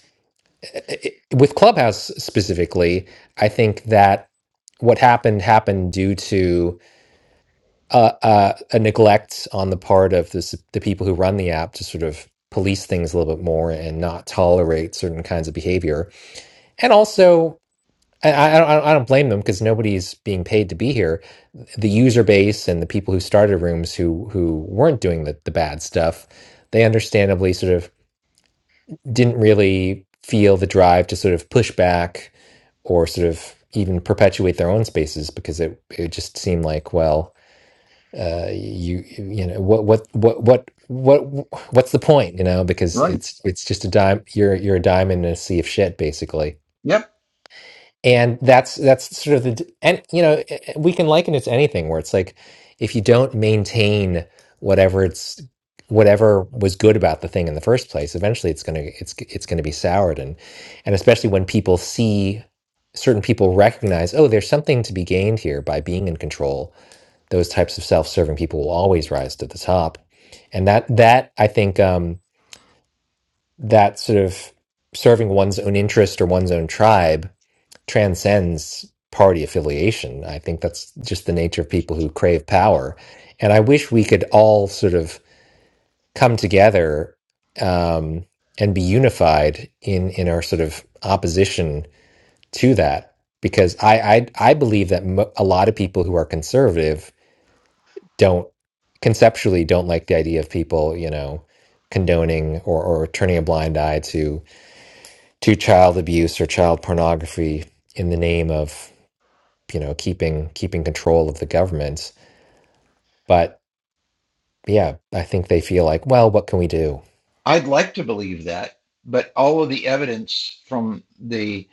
it, with clubhouse specifically i think that what happened happened due to uh, uh, a neglect on the part of the, s- the people who run the app to sort of police things a little bit more and not tolerate certain kinds of behavior and also and I, I, don't, I don't blame them because nobody's being paid to be here. The user base and the people who started rooms who who weren't doing the, the bad stuff, they understandably sort of didn't really feel the drive to sort of push back or sort of even perpetuate their own spaces because it it just seemed like well uh you you know what what what what what what's the point you know because
Right.
it's it's just a dime you're you're a dime in a sea of shit basically
Yep,
and that's that's sort of the and you know we can liken it to anything where it's like if you don't maintain whatever it's whatever was good about the thing in the first place eventually it's going to it's it's going to be soured and and especially when people see certain people recognize oh there's something to be gained here by being in control those types of self-serving people will always rise to the top and that that i think um that sort of serving one's own interest or one's own tribe transcends party affiliation. I think that's just the nature of people who crave power. And I wish we could all sort of come together um, and be unified in in our sort of opposition to that, because I I, I believe that mo- a lot of people who are conservative don't conceptually don't like the idea of people, you know condoning or, or turning a blind eye to to child abuse or child pornography in the name of you know, keeping keeping control of the government. But yeah, I think they feel like, well, what can we do?
I'd like to believe that, but all of the evidence from the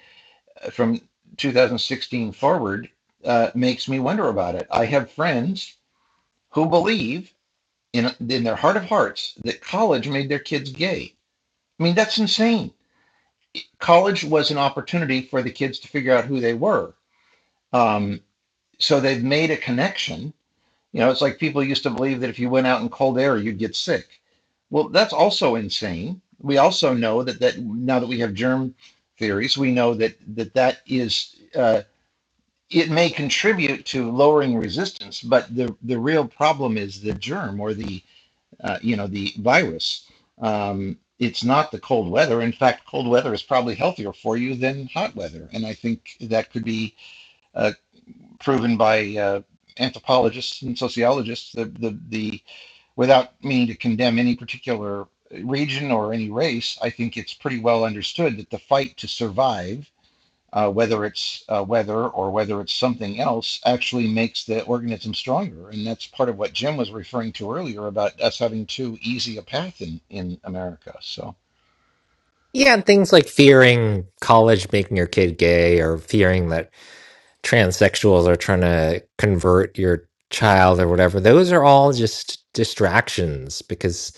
from 2016 forward uh, makes me wonder about it. I have friends who believe in in their heart of hearts that college made their kids gay. I mean, that's insane. College was an opportunity for the kids to figure out who they were. Um, so they've made a connection. You know, it's like people used to believe that if you went out in cold air, you'd get sick. Well, that's also insane. We also know that that now that we have germ theories, we know that that that is. uh, it may contribute to lowering resistance, but the the real problem is the germ or the uh, you know the virus. Um, it's not the cold weather. In fact, cold weather is probably healthier for you than hot weather, and I think that could be uh, proven by uh, anthropologists and sociologists. The, the the without meaning to condemn any particular region or any race, I think it's pretty well understood that the fight to survive uh, whether it's uh, weather or whether it's something else, actually makes the organism stronger. And that's part of what Jim was referring to earlier about us having too easy a path in, in America. So,
Yeah, and things like fearing college making your kid gay or fearing that transsexuals are trying to convert your child or whatever, those are all just distractions because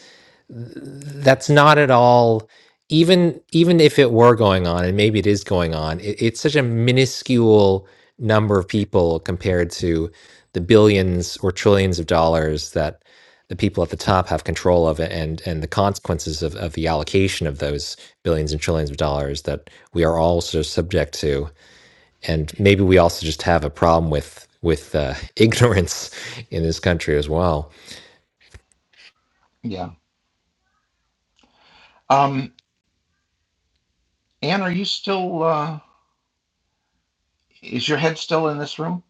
that's not at all even even if it were going on and maybe it is going on it, it's such a minuscule number of people compared to the billions or trillions of dollars that the people at the top have control of and and the consequences of, of the allocation of those billions and trillions of dollars that we are also subject to and maybe we also just have a problem with with uh, ignorance in this country as well
yeah. Um, Anne, are you still, uh, is your head still in this room?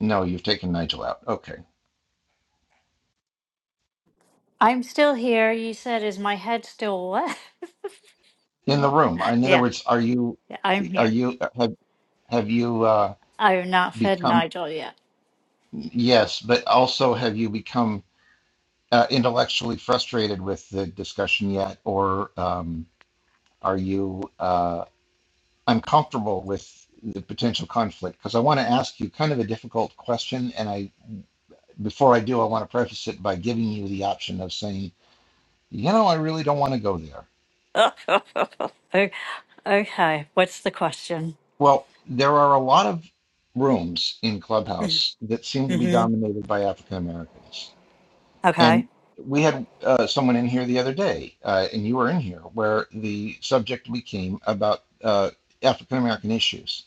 No, you've taken Nigel out. Okay.
I'm still here. You said, "Is my head still wet?"
In the room. In other
yeah,
words, are you,
yeah, I'm
are
here.
you, have, have you uh,
I have not fed
become,
Nigel yet.
yes, but also have you become uh, intellectually frustrated with the discussion yet or, um, Are you uh, uncomfortable with the potential conflict? Because I want to ask you kind of a difficult question, and I before I do, I want to preface it by giving you the option of saying, you know, I really don't want to go there.
O- okay. What's the question?
Well, there are a lot of rooms in Clubhouse that seem to be
hmm
dominated by African Americans,
Okay.
and we had uh, someone in here the other day, uh, and you were in here, where the subject became about uh, African American issues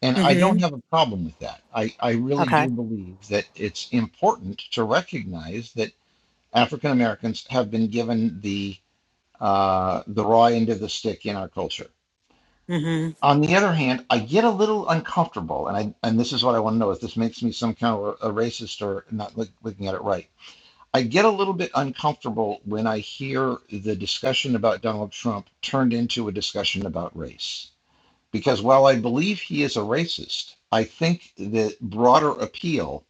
And I
hmm
don't have a problem with that. I, I really
Okay.
do believe that it's important to recognize that African Americans have been given the uh, the raw end of the stick in our culture.
hmm
On the other hand, I get a little uncomfortable, and I and this is what I want to know if this makes me some kind of a, racist or not look, looking at it right. I get a little bit uncomfortable when I hear the discussion about Donald Trump turned into a discussion about race because while I believe he is a racist, I think the broader appeal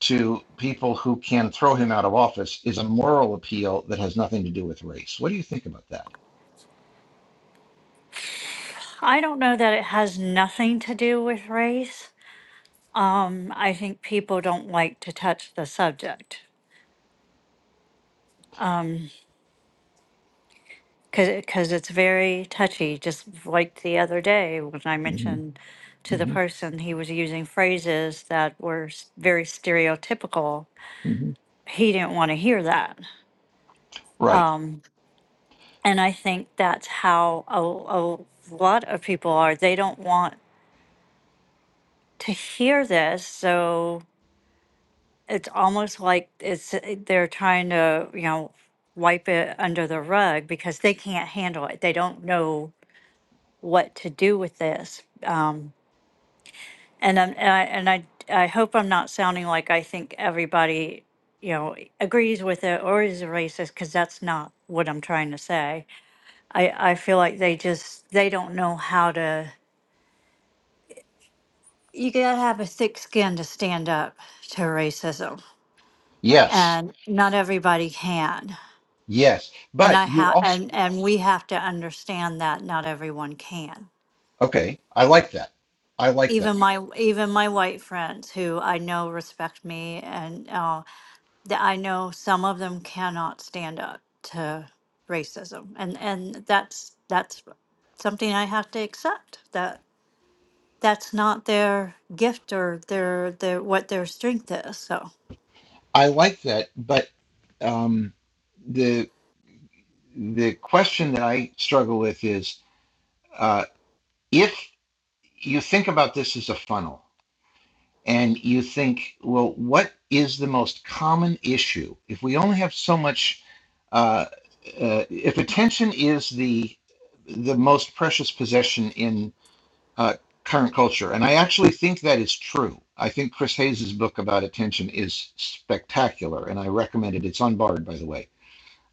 to people who can throw him out of office is a moral appeal that has nothing to do with race. What do you think about that?
I don't know that it has nothing to do with race. Um, I think people don't like to touch the subject because it's very touchy. Just like the other day when I
hmm
mentioned to the
hmm
person he was using phrases that were s- very stereotypical,
hmm
he didn't want to hear that.
Right.
And I think that's how a, a lot of people are. They don't want to hear this. So it's almost like it's they're trying to, you know, wipe it under the rug because they can't handle it. They don't know what to do with this. Um, and I'm, and I and I I hope I'm not sounding like I think everybody you know agrees with it or is a racist because that's not what I'm trying to say. I I feel like they just they don't know how to. You gotta have a thick skin to stand up to racism,
Yes.
and not everybody can.
Yes.
And
But
I
you
have
also,
and and we have to understand that not everyone can.
okay, I like that. I like that.
even my even my white friends who I know respect me and uh, that I know some of them cannot stand up to racism and and that's that's something I have to accept that that's not their gift or their their what their strength is so
I like that. But um, the the question that I struggle with is uh, if you think about this as a funnel and you think, well, what is the most common issue? If we only have so much, uh, uh, if attention is the the most precious possession in uh, current culture, and I actually think that is true. I think Chris Hayes's book about attention is spectacular, and I recommend it. It's unbarred, by the way.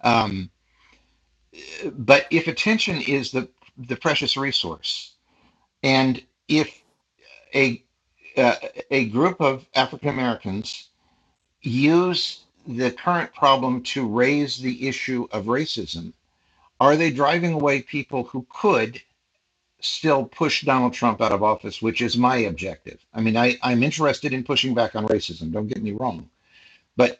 Um, but if attention is the the precious resource, and if a uh, a group of African Americans use the current problem to raise the issue of racism? Are they driving away people who could still push Donald Trump out of office, which is my objective? I mean, I, I'm interested in pushing back on racism. Don't get me wrong, but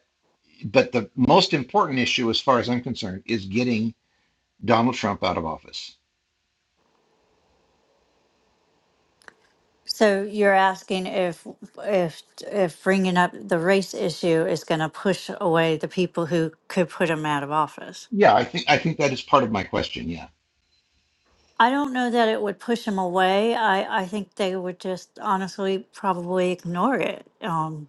but the most important issue, as far as I'm concerned, is getting Donald Trump out of office.
so you're asking if if if bringing up the race issue is going to push away the people who could put him out of office
Yeah, I think I think that is part of my question. Yeah,
I don't know that it would push them away. I, I think they would just honestly probably ignore it um,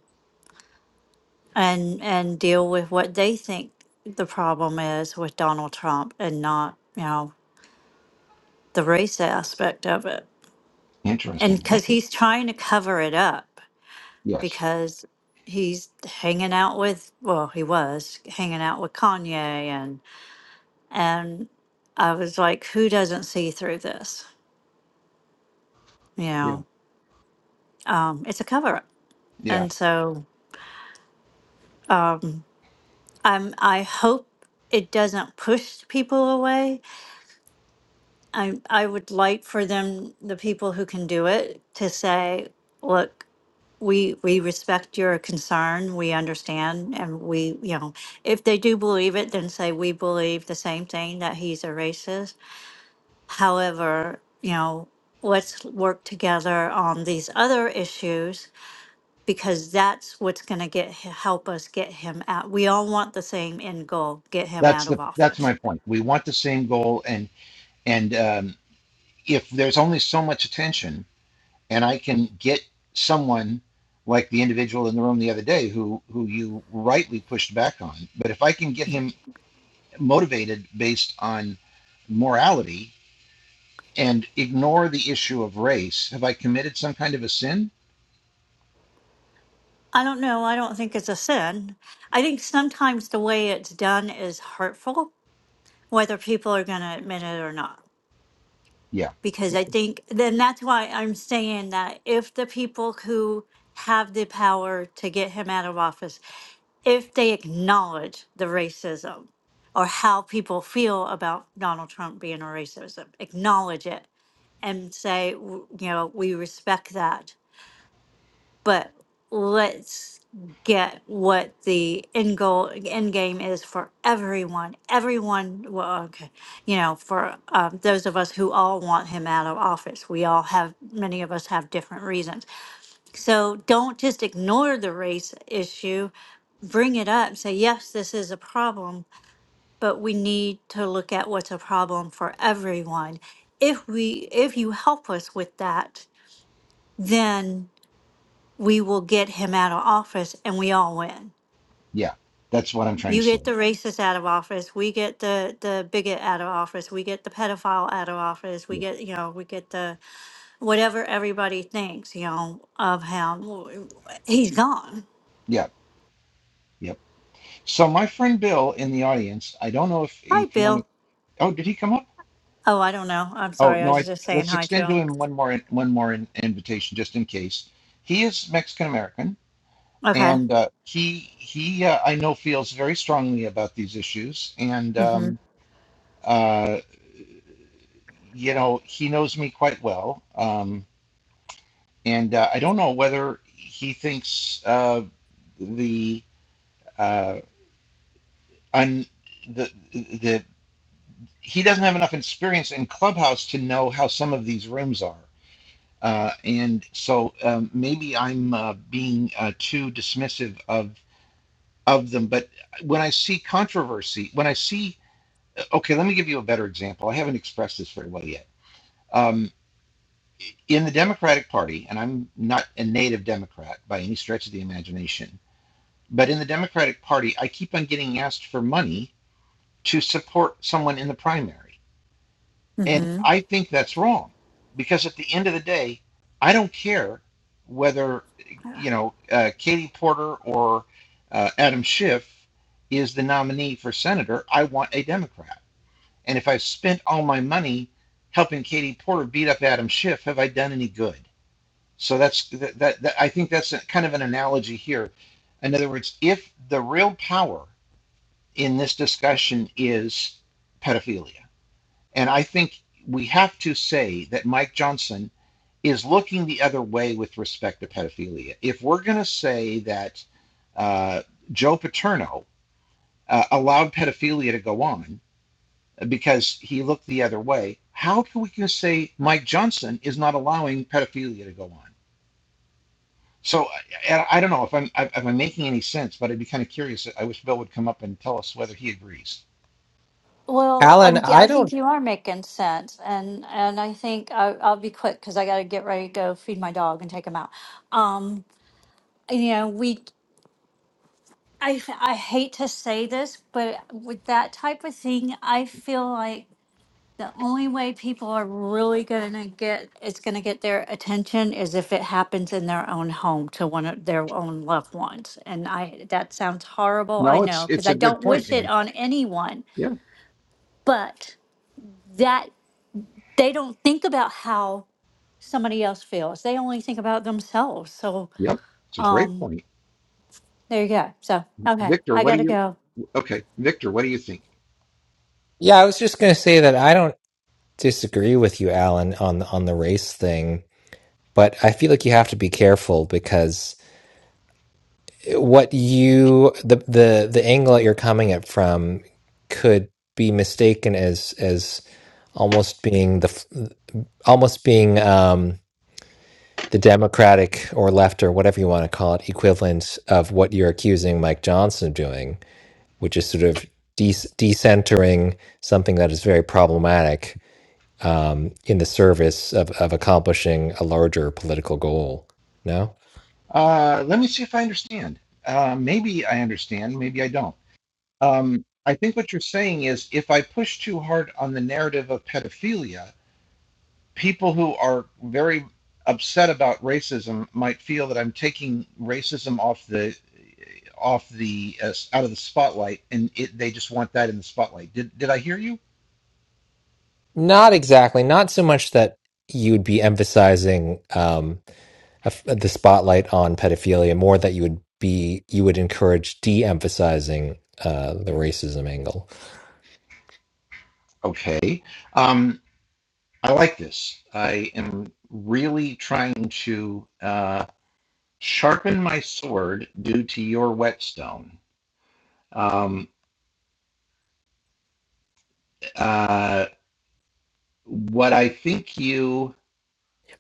and and deal with what they think the problem is with Donald Trump and not you know the race aspect of it. And
interesting.
because
Okay.
he's trying to cover it up
Yes.
because he's hanging out with well he was hanging out with Kanye and and I was like who doesn't see through this you
Yeah.
know um, it's a cover up
Yeah.
and so. um, I'm, I hope it doesn't push people away. I, I would like for them, the people who can do it, to say, look, we, we respect your concern, we understand, and we, you know, if they do believe it, then say, we believe the same thing, that he's a racist. However, you know, let's work together on these other issues because that's what's going to get help us get him out. We all want the same end goal: get him
That's
out
the
of
that's
office.
my point. We want the same goal, and and um, if there's only so much attention and I can get someone like the individual in the room the other day who who you rightly pushed back on, but if I can get him motivated based on morality and ignore the issue of race, have I committed some kind of a sin?
I don't know. I don't think it's a sin. I think sometimes the way it's done is hurtful, whether people are going to admit it or not.
Yeah,
because I think then that's why I'm saying that if the people who have the power to get him out of office, if they acknowledge the racism or how people feel about Donald Trump being a racism, acknowledge it and say, w- you know, we respect that but let's get what the end goal end game is for everyone everyone well okay you know for um, those of us who all want him out of office we all have many of us have different reasons so don't just ignore the race issue bring it up say yes this is a problem but we need to look at what's a problem for everyone if we if you help us with that then we will get him out of office and we all win.
yeah. That's what I'm trying
You
to say.
get the racist out of office, we get the the bigot out of office, we get the pedophile out of office, we
Yeah.
get you know, we get the whatever everybody thinks, you know, of him. He's gone.
Yeah. Yep. So my friend Bill in the audience, I don't know if
Hi,
if you want to
Bill.
Oh, did he come up?
Oh, I don't know. I'm
Oh,
sorry. I
no,
was
I,
just saying
let's
hi to
extend to
him.
him one more, one more in, invitation just in case. He is Mexican American
Okay.
and uh, he, he, uh, I know feels very strongly about these issues and,
mm Mhm.
um, uh, you know, he knows me quite well. Um, and uh, I don't know whether he thinks uh, the, uh, un, the, the, he doesn't have enough experience in Clubhouse to know how some of these rooms are. Uh, and so um, maybe I'm uh, being uh, too dismissive of of them. But when I see controversy, when I see, uh, okay, let me give you a better example. I haven't expressed this very well yet. Um, in the Democratic Party, and I'm not a native Democrat by any stretch of the imagination, but in the Democratic Party, I keep on getting asked for money to support someone in the primary. And
mm
I think that's wrong because at the end of the day, I don't care whether,
Mhm.
you know, uh, Katie Porter or uh, Adam Schiff is the nominee for senator. I want a Democrat. And if I've spent all my money helping Katie Porter beat up Adam Schiff, have I done any good? So that's that, that, that I think that's a, kind of an analogy here. In other words, if the real power in this discussion is pedophilia and I think we have to say that Mike Johnson is looking the other way with respect to pedophilia. If we're going to say that uh, Joe Paterno uh, allowed pedophilia to go on because he looked the other way, how can we just say Mike Johnson is not allowing pedophilia to go on? So I, I don't know if I'm if I'm making any sense, but I'd be kind of curious. I wish Bill would come up and tell us whether he agrees.
Well,
alan
I, yeah,
i
I think
don't
you are making sense, and and I think I, I'll be quick because I got to get ready to go feed my dog and take him out. Um, you know we i i hate to say this but with that type of thing i feel like the only way people are really gonna get it's gonna get their attention is if it happens in their own home to one of their own loved ones and i that sounds horrible i
No, it's
know because
it's
i
a good
don't
point,
wish it
man.
on anyone
Yeah,
but that they don't think about how somebody else feels they only think about themselves so
yep, it's a great
um
point.
there you go so okay
Victor,
i
what do
gotta
you
go
Okay, Victor, what do you think?
yeah i was just going to say that i don't disagree with you, Alan, on on the race thing, but I feel like you have to be careful because what you the the the angle that you're coming at from could be mistaken as as almost being the almost being um, the Democratic or left or whatever you want to call it equivalent of what you're accusing Mike Johnson of doing, which is sort of de- decentering something that is very problematic um, in the service of, of accomplishing a larger political goal. No,
Uh, let me see if I understand. Uh, maybe I understand, maybe I don't. Um, I think what you're saying is if I push too hard on the narrative of pedophilia, people who are very upset about racism might feel that I'm taking racism off the off the uh, out of the spotlight, and it, they just want that in the spotlight. Did did I hear you?
not exactly. Not so much that you'd be emphasizing um, a f- the spotlight on pedophilia, more that you would be you would encourage de-emphasizing uh, the racism angle.
Okay. Um, I like this. I am really trying to. Uh, sharpen my sword due to your whetstone. Um, uh, what I think you.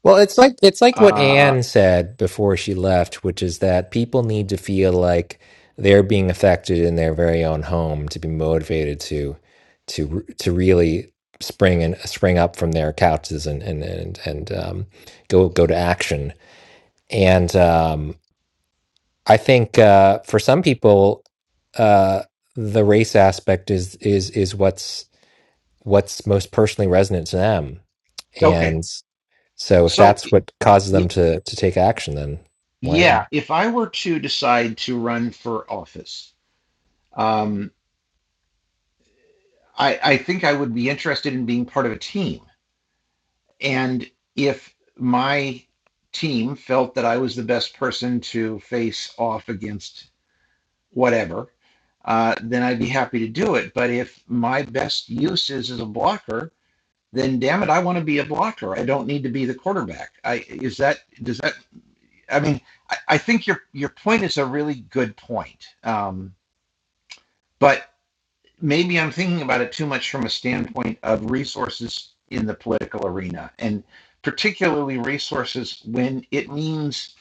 Well, it's like it's like what
Uh,
Anne said before she left, which is that people need to feel like they're being affected in their very own home to be motivated to to to really spring and spring up from their couches and and and, and um, go go to action. And um, I think uh, for some people, uh, the race aspect is is is what's what's most personally resonant to them
okay.
so if
So,
that's what causes
y-
them to to take action, then
yeah,
why
if I were to decide to run for office, um, I, I think I would be interested in being part of a team. And if my team felt that I was the best person to face off against whatever, uh, then I'd be happy to do it. But if my best use is as a blocker, then damn it, I want to be a blocker. I don't need to be the quarterback. I is that does that? I mean, I, I think your your point is a really good point, um, but maybe I'm thinking about it too much from a standpoint of resources in the political arena, and particularly resources when it means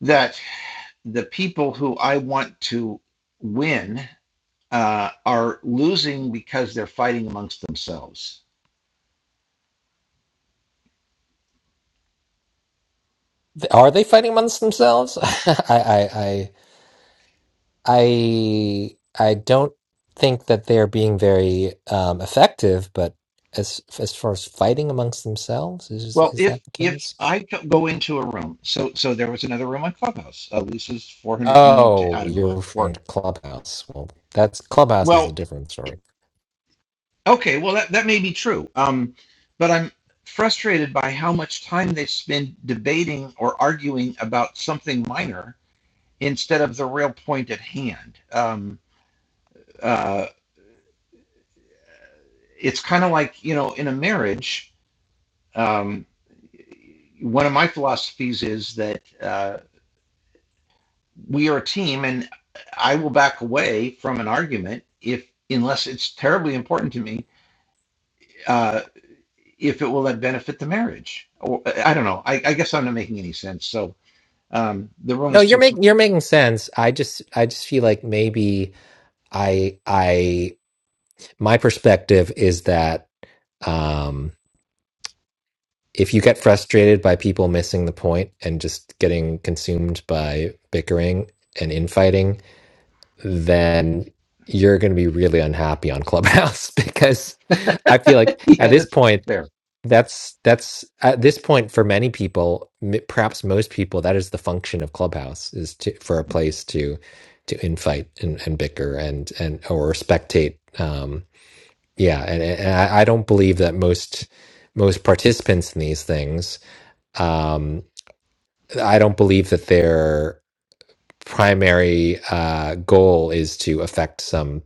that the people who I want to win uh, are losing because they're fighting amongst themselves
are they fighting amongst themselves? I I I I I don't think that they're being very um, effective. But as as far as fighting amongst themselves, is
Well,
is
if
that the
if
case?
I go into a room, so so there was another room on Clubhouse. Uh, Lisa's four hundred and t-
Oh,
I don't know
you're
four.
referring to Clubhouse. Well, that's Clubhouse is a
Well,
different story.
okay, well that that may be true. Um, but I'm frustrated by how much time they spend debating or arguing about something minor instead of the real point at hand. Um, uh, it's kind of like you know in a marriage. Um, one of my philosophies is that. Uh, we are a team and I will back away from an argument if unless it's terribly important to me, uh, if it will then benefit the marriage. Or I don't know. I, I guess I'm not making any sense. So um, the room
No,
is
you're
too small.
making you're making sense. I just I just feel like maybe I I my perspective is that. Um, if you get frustrated by people missing the point and just getting consumed by bickering and infighting, then you're going to be really unhappy on Clubhouse because I feel like at
Yeah,
this
that's
point,
fair.
that's that's at this point for many people, m- perhaps most people, that is the function of Clubhouse is to for a place to to infight and, and bicker and and or spectate. Um, yeah, and, and I I don't believe that most most participants in these things um, I don't believe that their primary uh, goal is to affect some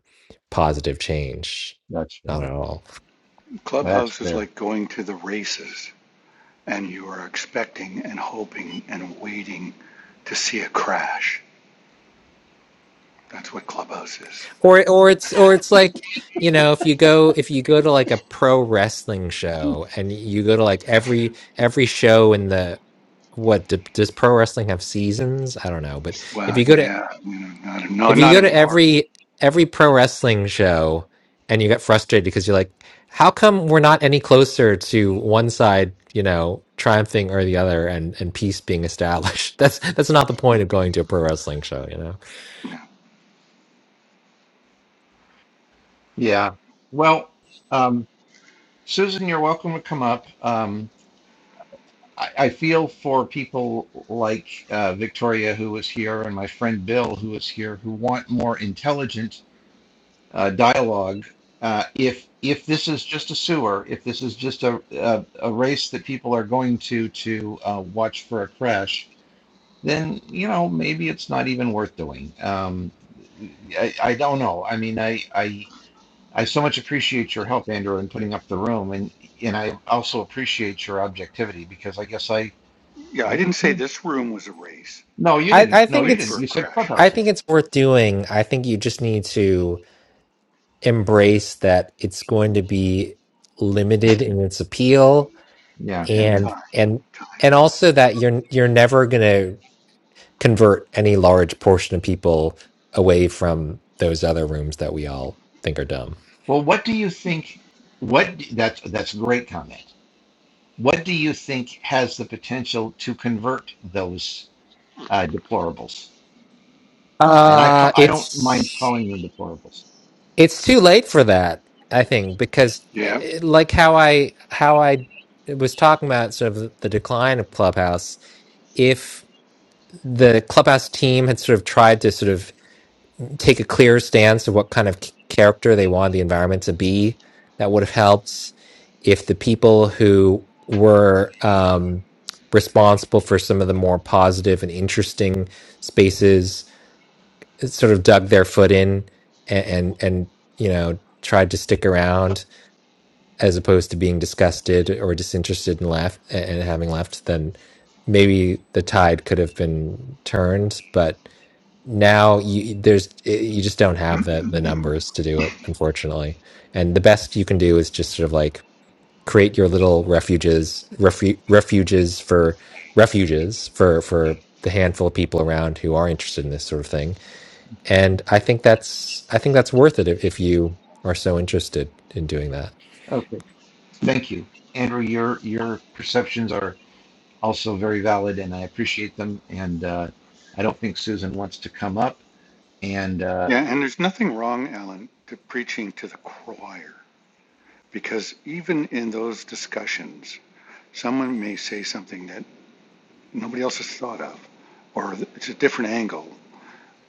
positive change.
That's fair.
Not at all.
That's
Clubhouse is
fair.
like going to the races. and you are expecting and hoping and waiting to see a crash. That's what Clubhouse is.
Or or it's or it's like, you know, if you go if you go to like a pro wrestling show and you go to like every every show in the what d- does pro wrestling have seasons? I don't know, but if
Well,
you go to
yeah, you know, not, no,
If you
not
go to
anymore.
every every pro wrestling show and you get frustrated because you're like, how come we're not any closer to one side, you know, triumphing or the other and and peace being established? That's that's not the point of going to a pro wrestling show, you know.
No.
Yeah. Well, um, Susan, you're welcome to come up. Um, I, I feel for people like uh, Victoria, who was here, and my friend Bill, who was here, who want more intelligent uh, dialogue. Uh, if if this is just a sewer, if this is just a a, a race that people are going to to uh, watch for a crash, then you know maybe it's not even worth doing. Um, I, I don't know. I mean, I I I so much appreciate your help, Andrew, in putting up the room, and and I also appreciate your objectivity because I guess I
Yeah,
I
I didn't
get
say
kind of,
this room was a race,
no, you
I,
didn't.
I
No,
think
you
waiting
didn't.
for
it's
a
You said
crash
I
clubhouses.
think it's worth doing. I think you just need to embrace that it's going to be limited in its appeal
Yeah.
and
and
time,
and
time.
and also that you're you're never going to convert any large portion of people away from those other rooms that we all think are dumb.
Well, what do you think? What that's that's a great comment. What do you think has the potential to convert those uh, deplorables? And I ca-
Uh
I don't mind
it's
calling them deplorables.
it's too late for that i think because uh,
Yeah,
like how i how i was talking about sort of the decline of clubhouse if the clubhouse team had sort of tried to sort of take a clear stance of what kind of c- character they wanted the environment to be that would have helped if the people who were um responsible for some of the more positive and interesting spaces sort of dug their foot in and, and and you know tried to stick around as opposed to being disgusted or disinterested and left and having left then maybe the tide could have been turned but now you there's you just don't have the the numbers to do it unfortunately and the best you can do is just sort of like create your little refuges refu- refuges for refuges for for the handful of people around who are interested in this sort of thing and I think that's I think that's worth it if if you are so interested in doing that.
Okay, thank you, Andrew. Your your perceptions are also very valid, and I appreciate them. And uh, I don't think Susan wants to come up. And uh,
yeah, and there's nothing wrong, Alan, to preaching to the choir because even in those discussions, someone may say something that nobody else has thought of, or it's a different angle,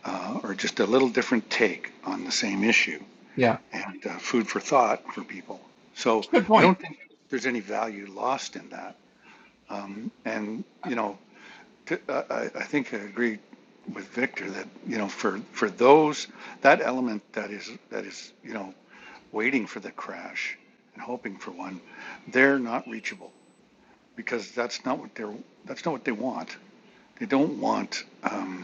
uh, or just a little different take on the same issue
yeah,
and uh, food for thought for people.
it's
So
a good
I
point.
don't think there's any value lost in that. Um, and, you know, t- uh, I, I think I agree with Victor that, you know, for, for those, that element that is, that is, you know, waiting for the crash and hoping for one, they're not reachable because that's not what they're, that's not what they want. They don't want, um,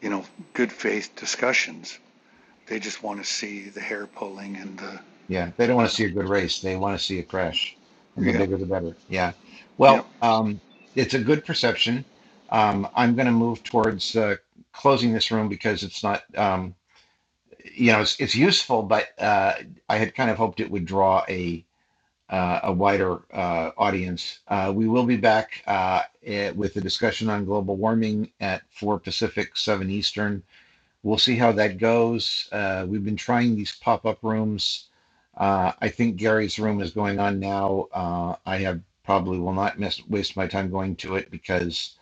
you know, good faith discussions They just want to see the hair pulling and the,
Yeah, they don't want to see a good race. They want to see a crash, and the
yep,
bigger the better. Yeah.
yep.
Well, um, it's a good perception. Um, I'm going to move towards uh, closing this room because it's not, um, you know, it's, it's useful, but uh, I had kind of hoped it would draw a uh, a wider uh, audience. Uh, we will be back uh, eh, with a discussion on global warming at four Pacific, seven Eastern. We'll see how that goes. Uh, we've been trying these pop up rooms. Uh, I think Gary's room is going on now. Uh, I have probably will not miss, waste my time going to it because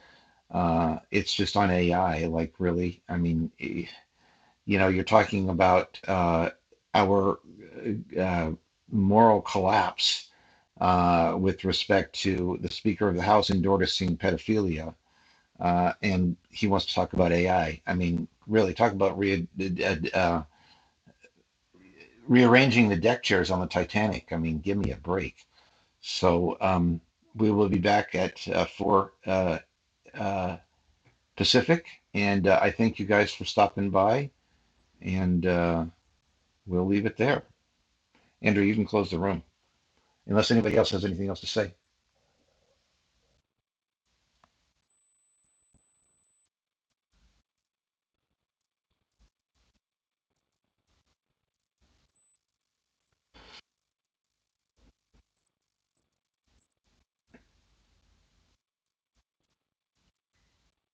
uh, it's just on AI. Like, really? I mean, eh, you know, you're talking about uh, our uh, moral collapse uh, with respect to the Speaker of the House endorsing pedophilia uh, and he wants to talk about AI. I I mean, really, talk about re- uh, uh, rearranging the deck chairs on the Titanic. I mean, give me a break. So um, we will be back at uh, four uh, uh, Pacific, and uh, I thank you guys for stopping by, and uh, we'll leave it there. Andrew, you can close the room unless anybody else has anything else to say.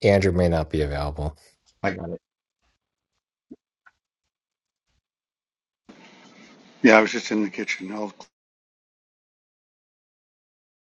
Andrew may not be available.
I got it.
Yeah, I was just in the kitchen. I'll